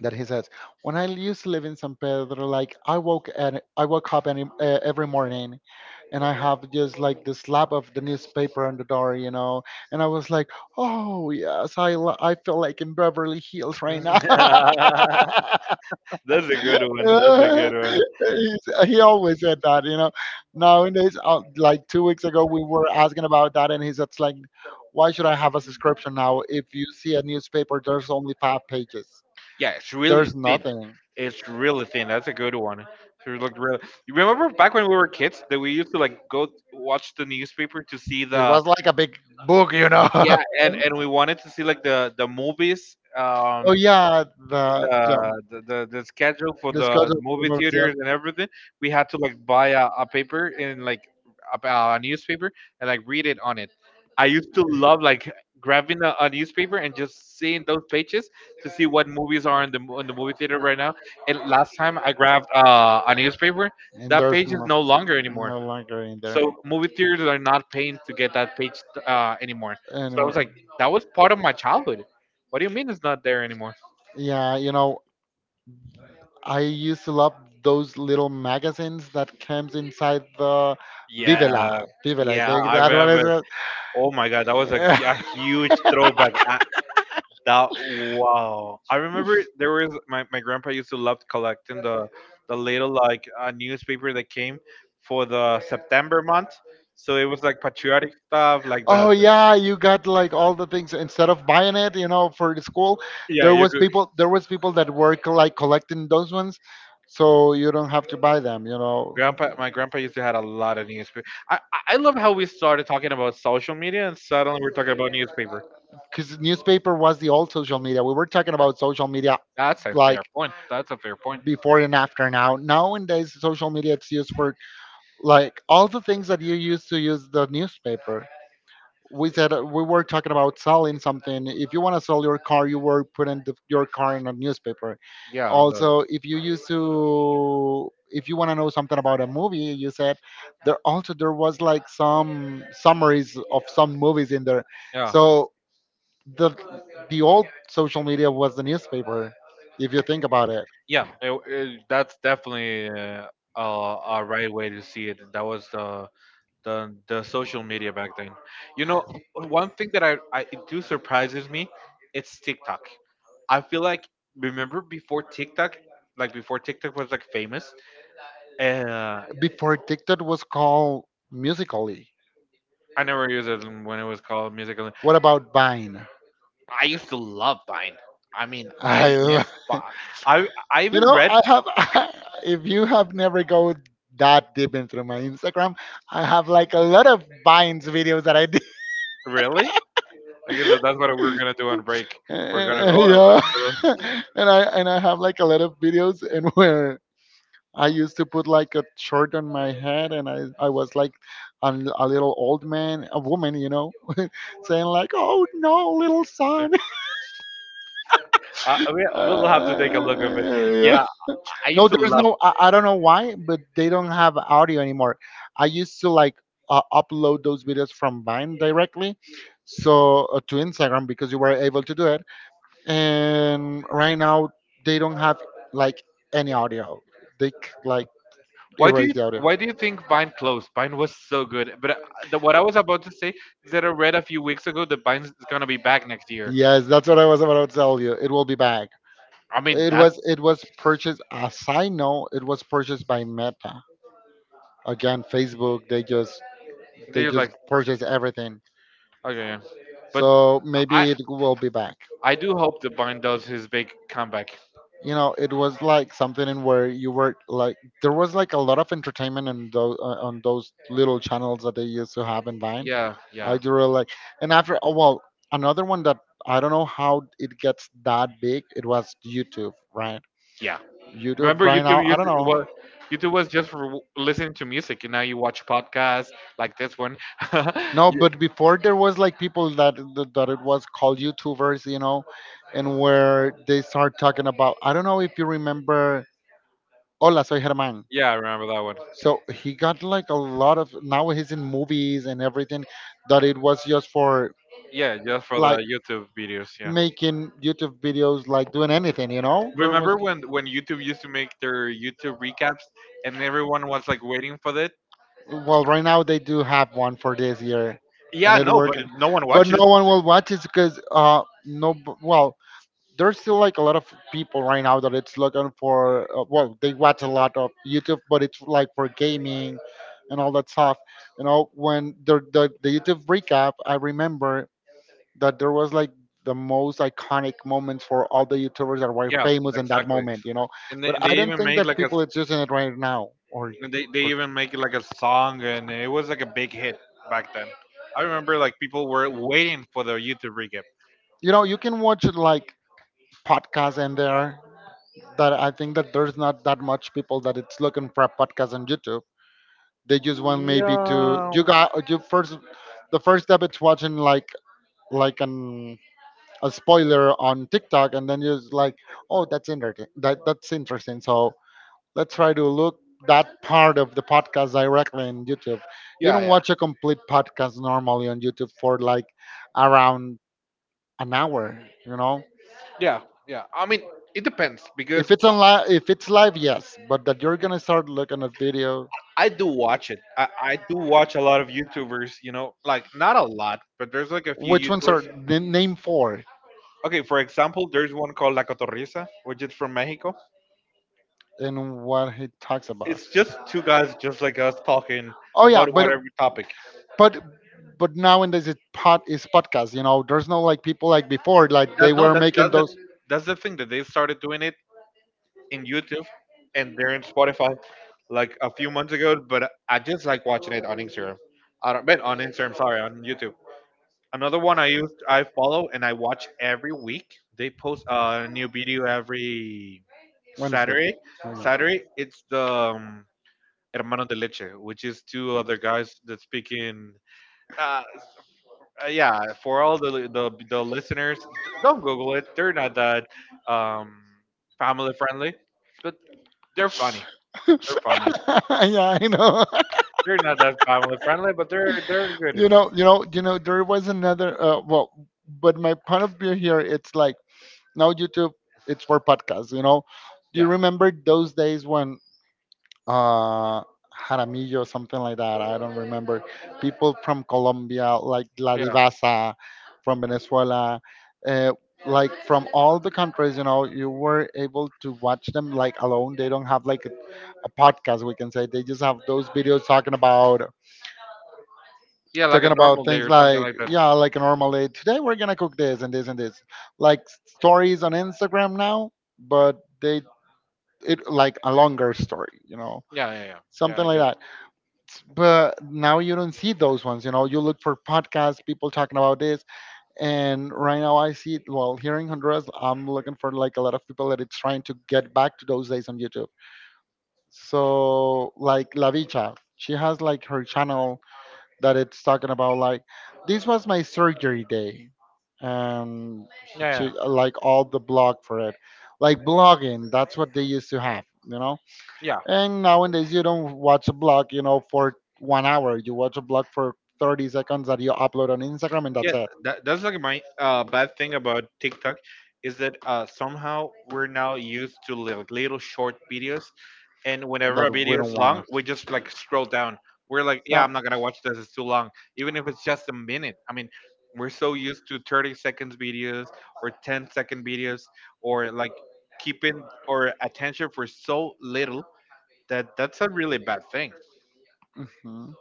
that he says, when I used to live in San Pedro, like I woke up every morning and I have just like the slab of the newspaper on the door, you know, and I was like, oh yes, I feel like in Beverly Hills right now.
That's a good one. That's a good one.
He always said that, you know. Nowadays, like 2 weeks ago, we were asking about that, and he said, like, why should I have a subscription now? If you see a newspaper, there's only 5 pages,
Yeah, it's really
there's
thin.
nothing.
It's really thin. That's a good one. It looked real. You remember back when we were kids that we used to like go watch the newspaper to see
It
the
was like a big book, you know.
yeah, and we wanted to see like the movies.
Oh, yeah,
The schedule for
the
the
schedule for
movie
movies, yes.
theaters and everything. We had to like buy a paper and like a newspaper and like read it on it. I used to love like grabbing a newspaper and just seeing those pages to see what movies are in the movie theater right now. And last time I grabbed a newspaper,
And
that
there's
page is
no,
no longer anymore.
no longer in there
So movie theaters are not paying to get that page anymore. So I was
anymore.
like, that was part of my childhood. What do you mean it's not there anymore?
Yeah, you know, I used to love those little magazines that comes inside the
Yeah,
Vivela. Vivela, I
yeah,
think
I
that one is
remember. Oh my God, that was a,
it.
g- a huge throwback. That Wow! I remember there was my grandpa used to love collecting the little like newspaper that came for the September month. So it was like patriotic stuff like that.
Oh yeah, you got like all the things instead of buying it, you know, for the school.
Yeah, you could.
There was people that work like collecting those ones so you don't have to buy them, you know.
My grandpa used to had a lot of newspaper. I love how we started talking about social media and suddenly we're talking about newspaper.
Cuz newspaper was the old social media. We were talking about social media
That's a
like
fair point. That's a fair point.
before and after. Now, nowadays social media it's used for like all the things that you used to use the newspaper. We said we were talking about selling something. If you want to sell your car, you were putting your car in a newspaper.
Yeah, the,
Also, if you used to, if you want to know something about a movie, you said there also there was like some summaries of some movies in there.
yeah.
So the the old social media was the newspaper, if you think about it.
Yeah, that's definitely a right way to see it. That was the the social media back then. You know, one thing that I it do surprises me, it's TikTok. I feel like remember before TikTok, like before TikTok was like famous. Uh,
Before TikTok was called Musically.
I never used it when it was called music.
What about Vine?
I used to love Vine. I mean, I
I,
miss
lo-
Vine. I I
you
even
know,
read
I have. If you have never go that deep into my Instagram, I have like a lot of vines videos that I did.
really. Okay, so that's what we're gonna do on break. We're
And,
gonna go and
yeah,
look through
and I have like a lot of videos, and where I used to put like a shirt on my head and I was like a, a little old man, a woman, you know, saying like, "Oh no, little
the.
son."
We'll have to take a
Uh,
look of it.
yeah.
Yeah, I used
No,
to
there's
love.
no. I don't know why, but they don't have audio anymore. I used to like upload those videos from Vine directly, so to Instagram because you were able to do it. And right now they don't have like any audio. They c- like
Why do you
erase the audio.
Why do you think Vine closed? Vine was so good, but what I was about to say is that I read a few weeks ago that Vine's is gonna be back next year.
Yes, that's what I was about to tell you. It will be back.
I mean,
It
that's
was it was purchased, as I know, it was purchased by Meta. Again, Facebook, they just
they are like
purchase everything.
okay, yeah. But
So
I
maybe it will be back.
I do hope that Vine does his big comeback.
You know, it was like something in where you were like there was like a lot of entertainment on those little channels that they used to have in Vine.
Yeah,
I
yeah.
do really like, and after oh well, another one that I don't know how it gets that big. It was YouTube, right?
Yeah.
YouTube
Remember
right now,
YouTube
I
used
don't know.
was YouTube was just for listening to music, and now you watch podcasts like this one.
No,
Ye-
but before there was like people that that it was called YouTubers, you know, and where they start talking about. I don't know if you remember. Hola, soy Germán.
yeah, I remember that one.
So he got like a lot of, now he's in movies and everything, that it was just for
Yeah, just for the
like
YouTube videos. Yeah.
making YouTube videos, like doing anything, you know? There was,
Remember when YouTube used to make their YouTube recaps, and everyone was like waiting for it.
well, right now they do have one for this year and
Yeah,
it
no, but
worked,
no one
but
watches.
no one will watch it because no, well there's still like a lot of people right now that it's looking for, well they watch a lot of YouTube but it's like for gaming and all that stuff, you know. When the YouTube recap, I remember that there was like the most iconic moments for all the YouTubers that were
Yeah,
famous in that
exactly.
moment, you know.
And they,
But
and they
I don't
even
think
made
that
like a
people
s-
is using it right now, or
And they
or
even make it like a song, and it was like a big hit back then. I remember like people were waiting for the YouTube recap.
you know, you can watch it like podcasts in there, that I think that there's not that much people that it's looking for a podcast on YouTube. They just want maybe to,
Yeah.
you got, you first, the first step it's watching like an a spoiler on TikTok and then you're just like, oh that's interesting, that's interesting. So let's try to look that part of the podcast directly in YouTube. You
Yeah,
don't
yeah,
watch a complete podcast normally on YouTube for like around an hour, you know?
yeah, yeah. I mean, it depends
If
because
it's on live, if it's live, yes, but that you're gonna start looking at video.
I do watch it. I do watch a lot of YouTubers, like not a lot, but there's like a few
Which ones
YouTubers.
are, name four?
Okay, for example, there's one called La Cotorrisa, which is from Mexico.
And what he talks about.
It's just two guys just like us talking
Oh yeah,
about
but
whatever topic.
but nowadays it pod is podcast. You know, there's no like people like before. Like they
No,
were
that's
making
that's the
those
that's the thing that they started doing it in YouTube, and they're in Spotify like a few months ago. But I just like watching it on Instagram. I don't, but on Instagram, sorry, on YouTube. Another one I use, I follow and I watch every week. They post a new video every
Wednesday.
Saturday.
Oh,
Saturday, it's the Hermano de Leche, which is two other guys that speak in. Uh, yeah, for all the listeners, don't Google it. They're not that um, family friendly, but they're funny.
yeah,
They're funny.
yeah, I know.
They're not that family friendly, but they're good.
You know. There was another. But my point of view here, it's like now YouTube, it's for podcasts. You know, do you
Yeah,
remember those days when uh Jaramillo, something like that? I don't remember. People from Colombia, like La
yeah,
Divasa, from Venezuela, uh, like from all the countries, you know, you were able to watch them like alone. They don't have like a podcast, we can say. They just have those videos talking about
yeah. Like a normal day
things
or something
like,
like that.
yeah, like normally today we're gonna cook this and this and this, like stories on Instagram now, but they it like a longer story, you know,
Yeah, yeah, yeah. Yeah,
something
I
like
guess.
that. But now you don't see those ones. You know, you look for podcasts, people talking about this, and right now I see. Well, here in Honduras, I'm looking for like a lot of people that it's trying to get back to those days on YouTube. So like La Bicha, she has like her channel that it's talking about like this was my surgery day, and she,
Yeah,
she
yeah,
like all the blog for it, like blogging. That's what they used to have, you know.
yeah.
And nowadays, you don't watch a blog, you know, for 1 hour. You watch a blog for 30 seconds that you upload on Instagram, and
Yeah,
that's it.
that's like my bad thing about TikTok is that somehow we're now used to like little short videos, and whenever a
That we
video
don't
is long,
wanna.
we just like scroll down. We're like, yeah,
Yeah.
I'm not gonna watch this. It's too long. Even if it's just a minute. I mean, we're so used to 30 seconds videos or 10-second videos or like keeping our attention for so little that that's a really bad thing.
Mhm.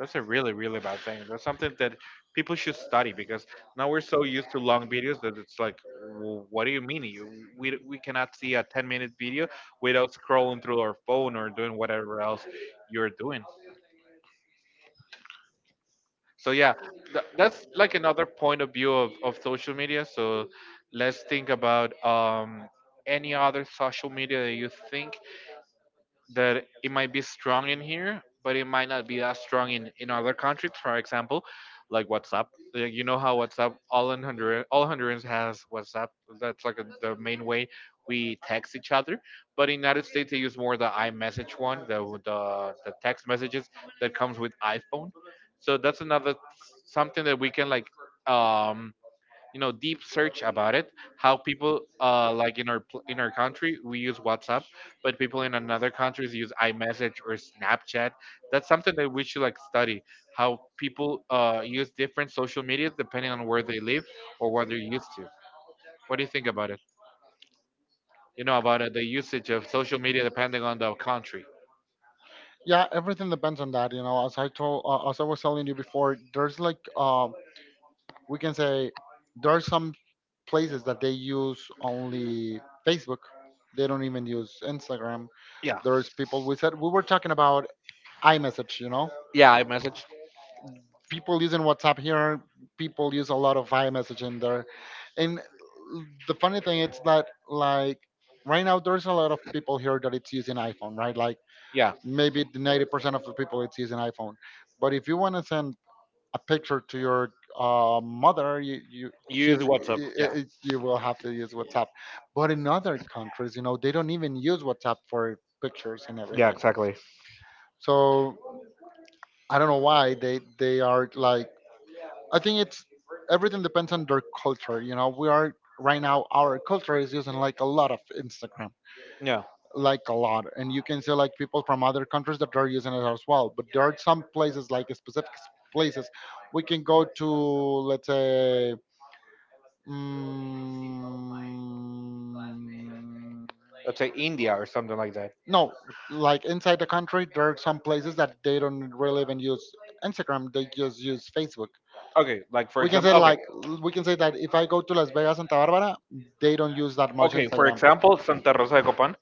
That's a really, really bad thing. That's something that people should study because now we're so used to long videos that it's like, "What do you mean? We cannot see a 10-minute video without scrolling through our phone or doing whatever else you're doing. So, yeah, that's like another point of view of social media. So, let's think about any other social media that you think that it might be strong in here, but it might not be that strong in other countries. For example, like WhatsApp. Like, you know how WhatsApp all in Honduras, all Hondurans has WhatsApp. That's like the main way we text each other. But in United States, they use more the iMessage one, the text messages that comes with iPhone. So that's another something that we can like um deep search about it, how people like in our country we use WhatsApp, but people in another countries use iMessage or Snapchat. That's something that we should like study, how people use different social medias depending on where they live or what they're used to. What do you think about it, about the usage of social media depending on the country?
Yeah, everything depends on that. You know, as I told, as I was telling you before, there's like, we can say, there are some places that they use only Facebook. They don't even use Instagram. There's people. We said we were talking about iMessage. You know,
Yeah, iMessage.
people using WhatsApp here. People use a lot of iMessage in there, and the funny thing is that, like, right now there's a lot of people here that it's using iPhone, right? Like
Yeah.
maybe the 90% of the people it's using iPhone. But if you want to send a picture to your mother, you
Use
she's
WhatsApp. Yeah.
you will have to use WhatsApp. But in other countries, you know, they don't even use WhatsApp for pictures and everything.
Exactly.
So I don't know why they are like, I think it's everything depends on their culture. You know, we are right now, our culture is using like a lot of Instagram,
Yeah.
like a lot, and you can see like people from other countries that are using it as well. But there are some places like specific places we can go to, let's say. Mm,
Let's say India or something like that.
no, like inside the country, there are some places that they don't really even use Instagram. They just use Facebook.
Okay. Like for
We can say
example. Okay.
like, we can say that if I go to Las Vegas, Santa Barbara, they don't use that much
Okay. For
Instagram.
example, Santa Rosa de Copan.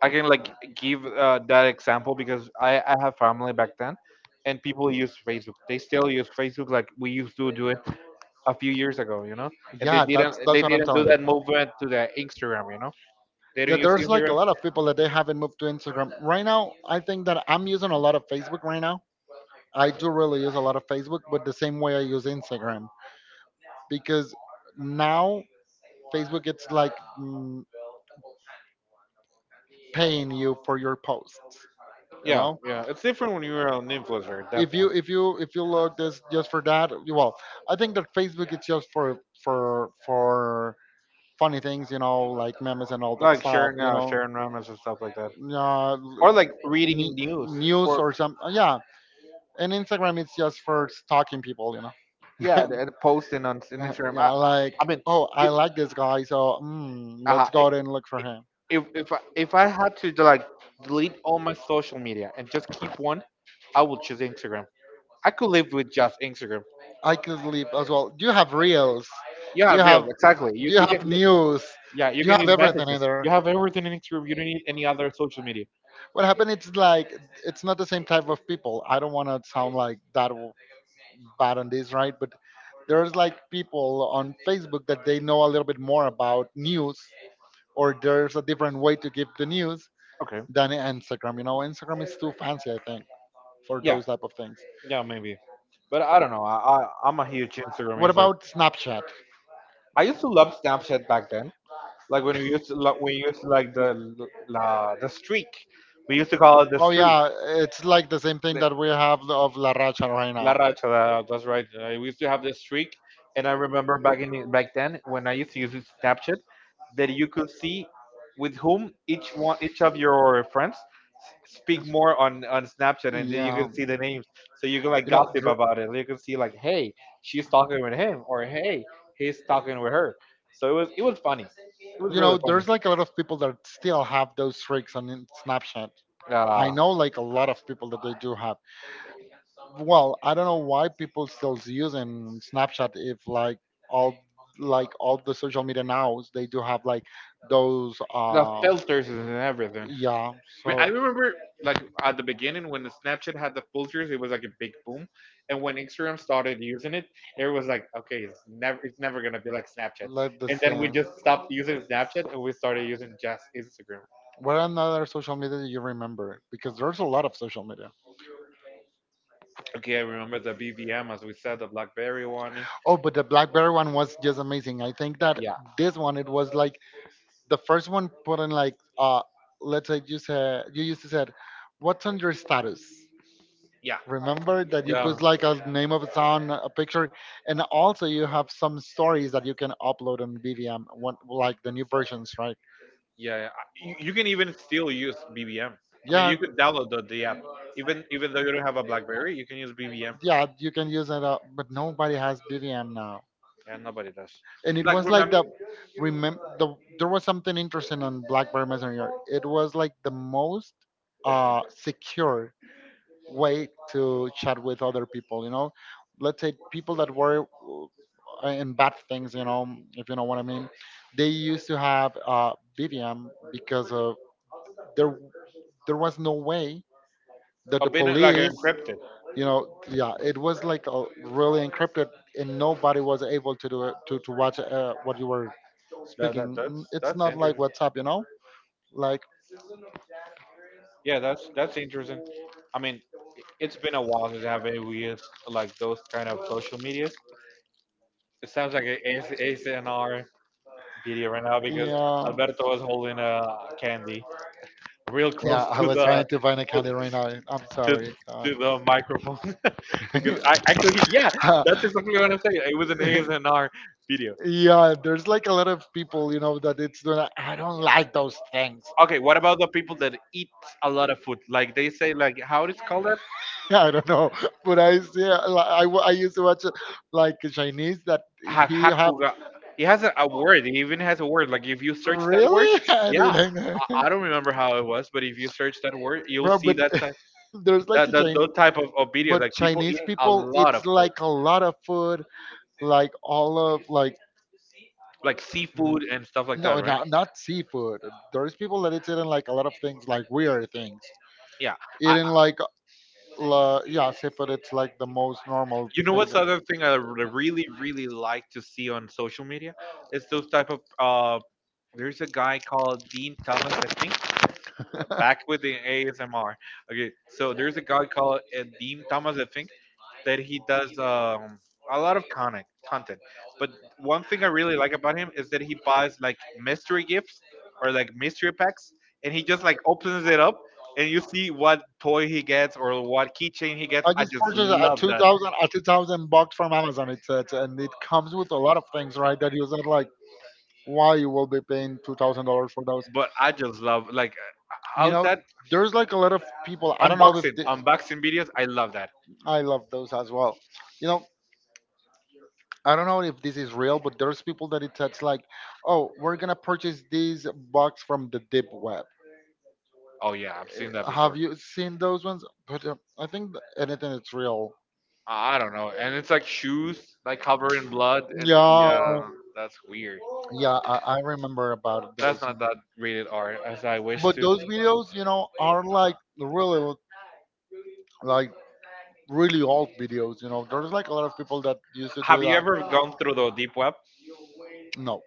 I can like give that example because I have family back then, and people use Facebook. They still use Facebook like we used to do it a few years ago, and they
Yeah,
didn't they
that's what I'm
didn't do
telling you.
that movement to the Instagram, they
Yeah,
didn't use
there's like a
Instagram.
lot of people that they haven't moved to Instagram. Right now, I think that I'm using a lot of Facebook right now. I do really use a lot of Facebook, but the same way I use Instagram, because now Facebook it's like, mm, paying you for your post. You
Yeah,
know,
yeah, it's different when you're an influencer,
if
definitely.
you if you if you look this just for that. Well, I think that Facebook is just for funny things, you know, like memes and all that
Like
stuff,
sharing,
you
yeah,
know.
sharing memes and stuff like that,
uh,
or like reading
ne-
news
News
for,
or some, yeah. And Instagram is just for stalking people, you
yeah, and
know
and posting on Instagram.
Yeah,
I, I
like,
mean,
oh, I
it,
like this guy, so,
uh,
let's go out and look for him.
if I had to like delete all my social media and just keep one, I would choose Instagram. I could live with just Instagram.
I could sleep as well. You have reels,
Yeah,
you
real,
have
exactly. You
you
you
have
can
news.
Yeah, you
You
can
have
use
everything in
messages.
there.
You have everything in Instagram. You don't need any other social media.
What happened? It's like it's not the same type of people. I don't want to sound like that bad on this, right? But there's like people on Facebook that they know a little bit more about news, or there's a different way to give the news
Okay.
than Instagram. You know, Instagram is too fancy, I think, for
Yeah,
those type of things.
yeah, maybe. But I don't know. I'm a huge Instagram
What
user.
about Snapchat?
I used to love Snapchat back then. Like when we used to like the streak. We used to call it the
Oh
streak.
yeah, it's like the same thing
the-
that we have of La Racha right
La
now.
Racha, that's right. I used to have this streak, and I remember back then when I used to use this Snapchat, that you could see with whom each of your friends speak more on Snapchat, and then you
Yeah.
can see the names, so you can like
You know,
gossip
there-
about it. You can see like, hey, she's talking with him, or hey, he's talking with her. So it was funny. It was
you know,
really funny.
there's like a lot of people that still have those tricks on Snapchat. I know like a lot of people that they do have. Well, I don't know why people still using Snapchat if like all, like all the social media nows, they do have like
Uh,
those,
the filters and everything.
yeah,
But
so.
I remember like at the beginning when the Snapchat had the filters, it was like a big boom, and when Instagram started using it, it was like, okay, it's never gonna be like Snapchat.
Like the
And then we
same.
just stopped using Snapchat and we started using just Instagram.
What another social media do you remember? Because there's a lot of social media.
Okay, I remember the BBM as we said, the BlackBerry one.
Oh, but the BlackBerry one was just amazing. I think that
Yeah,
this one it was like the first one put in like, let's say, you said you used to said, what's on your status?
yeah,
Remember that you
yeah.
put like a name of a song, a picture, and also you have some stories that you can upload on BVM, one, like the new versions, right?
Yeah, yeah. You can even still use BBM. I mean,
Yeah,
you could download the app, even though you don't have a BlackBerry, you can use BBM.
yeah, you can use it up, but nobody has BBM now.
Yeah, nobody does.
And it
Like
was like
remember?
the, remember the, there was something interesting on BlackBerry Messenger. It was like the most secure way to chat with other people, you know. Let's say people that were, in bad things, you know, if you know what I mean. They used to have BBM because of there, there was no way that the
I've been like
police,
encrypted.
you know. Yeah, it was like a really encrypted, and nobody was able to do it to watch, what you were
That, that
speaking.
that's
It's
that's
not like
interesting.
WhatsApp, you know. Like,
Yeah, that's interesting. I mean, it's been a while since I've been used like those kind of social medias. It sounds like an ASMR video right now because
yeah,
Alberto was holding a candy real
yeah,
close
I
to
was
the
trying to find a candy right now, I'm
to
sorry,
to
God.
the microphone. because I actually yeah, That's exactly what I'm saying. It was an ASMR video.
Yeah, there's like a lot of people, you know, that it's doing that. I don't like those things.
Okay, what about the people that eat a lot of food? Like they say, like how it is called that?
I don't know, but I see I used to watch, like Chinese that he have.
Hakuga. He has a word. He even has a word. Like if you search that word,
Really? I
yeah,
didn't know.
I, I don't remember how it was, but if you search that word, you'll
Bro,
see
but
that type,
there's like
that
a
that
Chinese,
those type of videos.
but
Like people eat
Chinese
a
people,
lot of
it's
food,
like a lot of food, like all of like
like
w-
seafood and stuff like that,
no,
right?
not not seafood. There's people that it's eating like a lot of things, like weird things.
Yeah. I,
Eating like, yeah, seafood. It's like the most normal
you know
things.
what's the other thing I really really like to see on social media? It's those type of. There's a guy called Dean Thomas, I think, back with the ASMR. Okay, so there's a guy called Dean Thomas, I think, that he does a lot of content, but one thing I really like about him is that he buys like mystery gifts or like mystery packs, and he just like opens it up, and you see what toy he gets or what keychain he gets.
I
I
just
just
purchased a
love that.
2,000 bucks from Amazon. It says, and it comes with a lot of things, right? That you said, like, why you will be paying $2,000 for those.
But I just love like
You
how's
know,
that
there's like a lot of people. I don't know if
unboxing
the,
unboxing videos. I love that.
I love those as well. You know, I don't know if this is real, but there's people that it says like, oh, we're gonna purchase these bucks from the deep web.
Oh yeah, I've seen that
Have
before.
you seen those ones? But I think anything that's real.
I don't know, and it's like shoes like covered in blood, and
Yeah,
yeah, that's weird.
yeah, I remember about those.
That's not that rated R as I wish
But
to.
those videos, you know, are like really old videos. You know, there's like a lot of people that used to do
Have you
that.
ever gone through the deep web?
No,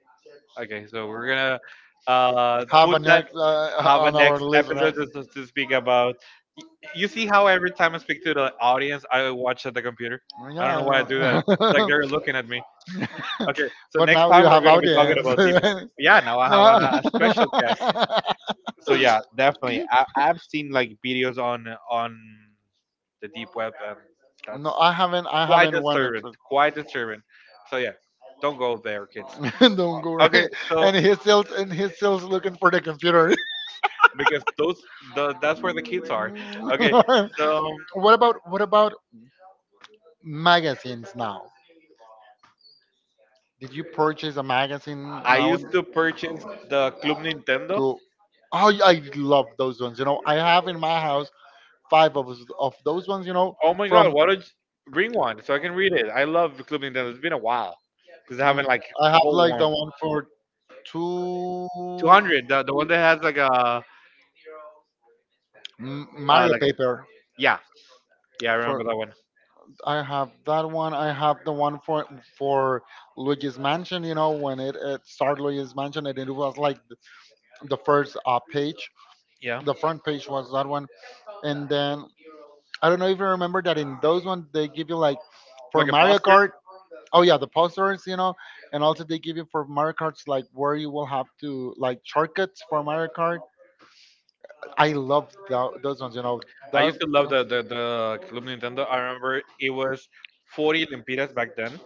Okay, so we're gonna.
have
Put
an
that.
ex
Have a
on our
next
list,
episode
right?
to speak about. Y- You see how every time I speak to the audience, I watch at the computer.
Yeah,
I don't know why I do that.
I
It's like
know.
they're looking at me. Okay, so
But
next
now you
time we're
have
going to be talking
audience.
about deep.
No,
Yeah, now I have a special guest. So yeah, definitely. I've seen like videos on the deep web, and that's
no, I haven't. I
quite
haven't won it.
disturbing. Quite disturbing. So yeah, don't go there, kids.
Don't go.
Okay,
Right?
so
And he's still, and he's still looking for the computer.
because that's where the kids are. Okay, so
What about, what about magazines now? Did you purchase a magazine
I
now? And
used to purchase the Club Nintendo.
to oh, I love those ones. You know, I have in my house five of those ones. You know,
Oh my god,
from,
why don't you bring one so I can read it? I love Club Nintendo. It's been a while because I
mm,
haven't like
I have
hold
like
one.
the one for two,
200, the one that has like a, uh,
Mario
like a
paper
yeah, yeah, I remember
for.
that one.
I have that one. I have the one for Luigi's Mansion. You know, when it started Luigi's Mansion, and it was like the first, page.
Yeah.
The front page was that one, and then I don't know if you remember that in those ones they give you like for
Like a
Mario
poster.
Kart. Oh yeah, the posters, you know, and also they give you for Mario Karts like where you will have to like shortcuts for Mario Kart. I love those ones, you know.
I
That,
used to love the Club Nintendo. I remember it was 40 lempiras back then,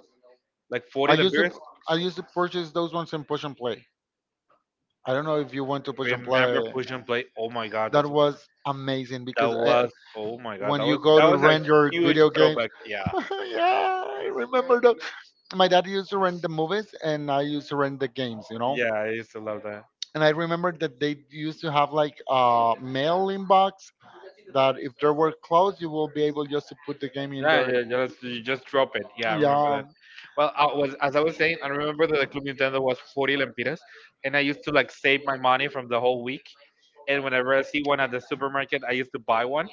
like 40
I used to,
lempiras.
I used to purchase those ones in Push and Play. I don't know if you went to Push and
Remember
Play.
push and play? Oh my god,
That was amazing
that
because,
was, oh my god,
when
that was
you go
that
to
was a
rent your
huge
video games,
throwback. Yeah,
yeah, I remember those. My dad used to rent the movies and I used to rent the games, you know?
yeah, I used to love that.
And I remember that they used to have like a mailing box that if there were closed, you will be able just to put the game in
Yeah,
there.
yeah, yeah, you just drop it. Yeah, I remember
Yeah,
that. Well, I was as I was saying, I remember that the Club Nintendo was 40 lempiras, and I used to like save my money from the whole week. And whenever I see one at the supermarket, I used to buy one,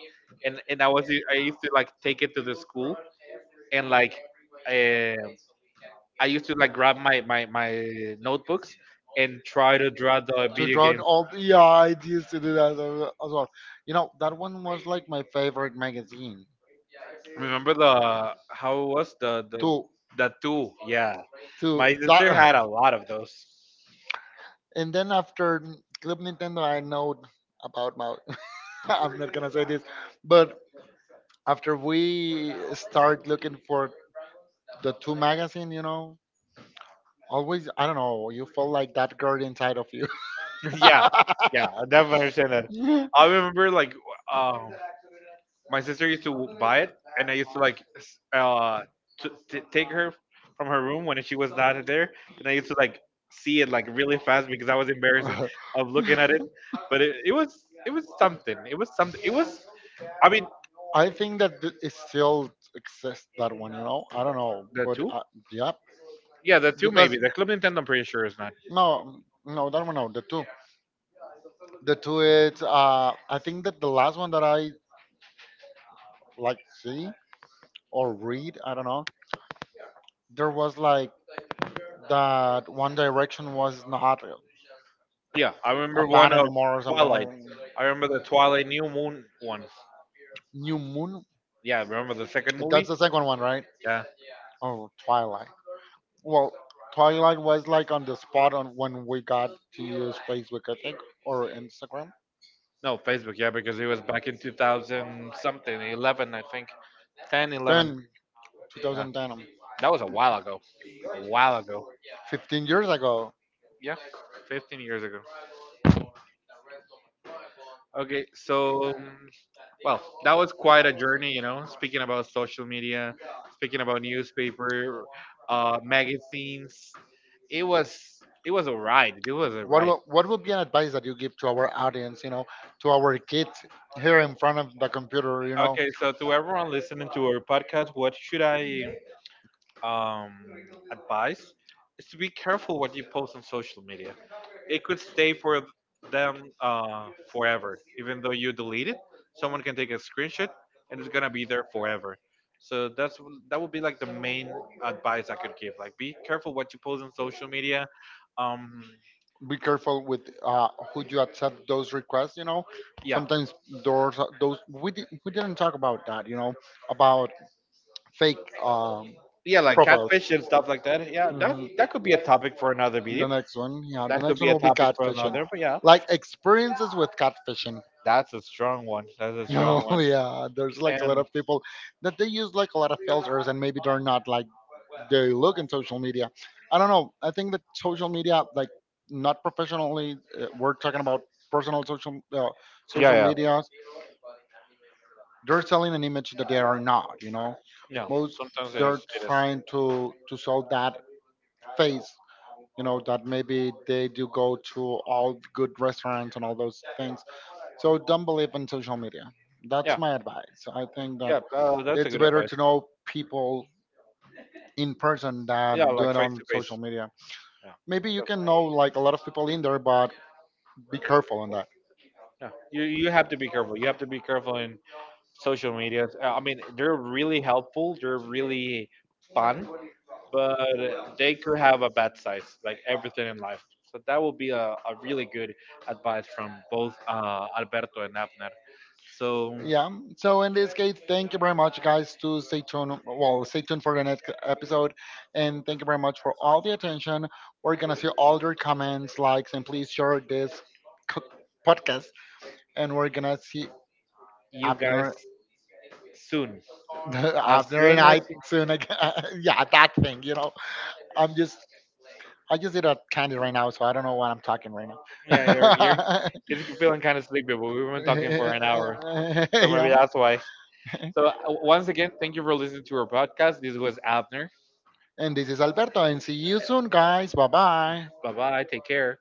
and I used to like take it to the school and like uh, I used to like grab my notebooks and try to draw the
to
video
draw it
game.
all. Yeah, I used to do that as well. You know, that one was like my favorite magazine.
Remember the how it was the the
To
the two? Yeah,
to
my sister
that,
had a lot of those.
and then after Club Nintendo, I know about my. I'm not gonna say this, but after we start looking for the two magazine, you know, always, I don't know. You feel like that girl inside of you.
Yeah, yeah, I definitely understand that. I remember like um, my sister used to buy it, and I used to like s- to, t take her from her room when she was not there, and I used to like see it like really fast because I was embarrassed of looking at it. But it was something. It was something. It was. I mean,
I think that it still exists that one, you know. I don't know,
the
but,
two.
yeah,
Yeah, the two maybe.
because
The Club Nintendo, I'm pretty sure is not.
no, no, that one, no, the two is. I think that the last one that I like see or read, I don't know. There was like that One Direction was not a
Yeah, I remember one
band
of
anymore or something like
Twilight. I remember the Twilight New Moon one.
New Moon.
Yeah, remember the second
That's
movie?
the second one, right?
Yeah.
Oh, Twilight. Well, Twilight was like on the spot on when we got to use Facebook, I think, or Instagram.
No, Facebook, yeah, because it was back in 2000 something, 11, I think. 10, 11.
Then
Yeah.
2010,
That was a while ago. A while ago.
15 years ago.
Yeah, 15 years ago. Okay, so, well, that was quite a journey, you know, speaking about social media, speaking about newspaper, magazines. It was. It was a ride. It was a
What
ride.
will, what would be an advice that you give to our audience, you know, to our kids here in front of the computer, you know?
Okay, so to everyone listening to our podcast, what should I um, advise? Is to be careful what you post on social media. It could stay for them forever. Even though you delete it, someone can take a screenshot and it's gonna be there forever. So that would be like the main advice I could give. Like, be careful what you post on social media. Um,
Be careful with, who you accept those requests. You know,
yeah.
sometimes those, we we didn't talk about that. You know, about fake,
Yeah, like
profiles.
catfish and stuff like that. Yeah, that
Hmm.
that could be a topic for another
The
video.
next one, yeah, the
That could
next
be
one
a
will be
topic for
catfishing,
another. But yeah,
like experiences with catfishing.
that's a strong one. That's a strong
No,
one.
yeah, there's like a lot
And
of people that they use like a lot of filters, and maybe they're not like they look in social media. I don't know. I think that social media, like not professionally, we're talking about personal social, social
yeah,
media, they're selling an image that they are not, you know.
yeah, yeah.
Most,
Sometimes it
they're
is. It
trying
is.
to sell that face, you know, that maybe they do go to all good restaurants and all those things. So don't believe in social media. That's
Yeah,
my advice. I think that
yeah, that's a
it's
good
better
advice.
to know people in person
Yeah,
than do
like
it
face
on
to
social
face.
media.
Yeah,
Maybe you can know like a lot of people in there, but be careful on that.
yeah. You have to be careful. You have to be careful in social media. I mean, they're really helpful. They're really fun, but they could have a bad side, like everything in life. So that will be a really good advice from both Alberto and Abner. So
Yeah. So in this case, thank you very much, guys, to stay tuned. Well, stay tuned for the next episode, and thank you very much for all the attention. We're gonna see all your comments, likes, and please share this co- podcast. And we're gonna see
you guys
Abner,
soon. As
Abner and
soon as
I soon again. Yeah, that thing, you know. I'm just, I just did a candy right now, so I don't know what I'm talking right
Yeah, you're
now.
it's feeling kind of sleepy, but we've been talking for an hour, so maybe
Yeah.
that's why. So once again, thank you for listening to our podcast. This was Abner.
And this is Alberto. And see you soon, guys. Bye bye.
Bye bye. Take care.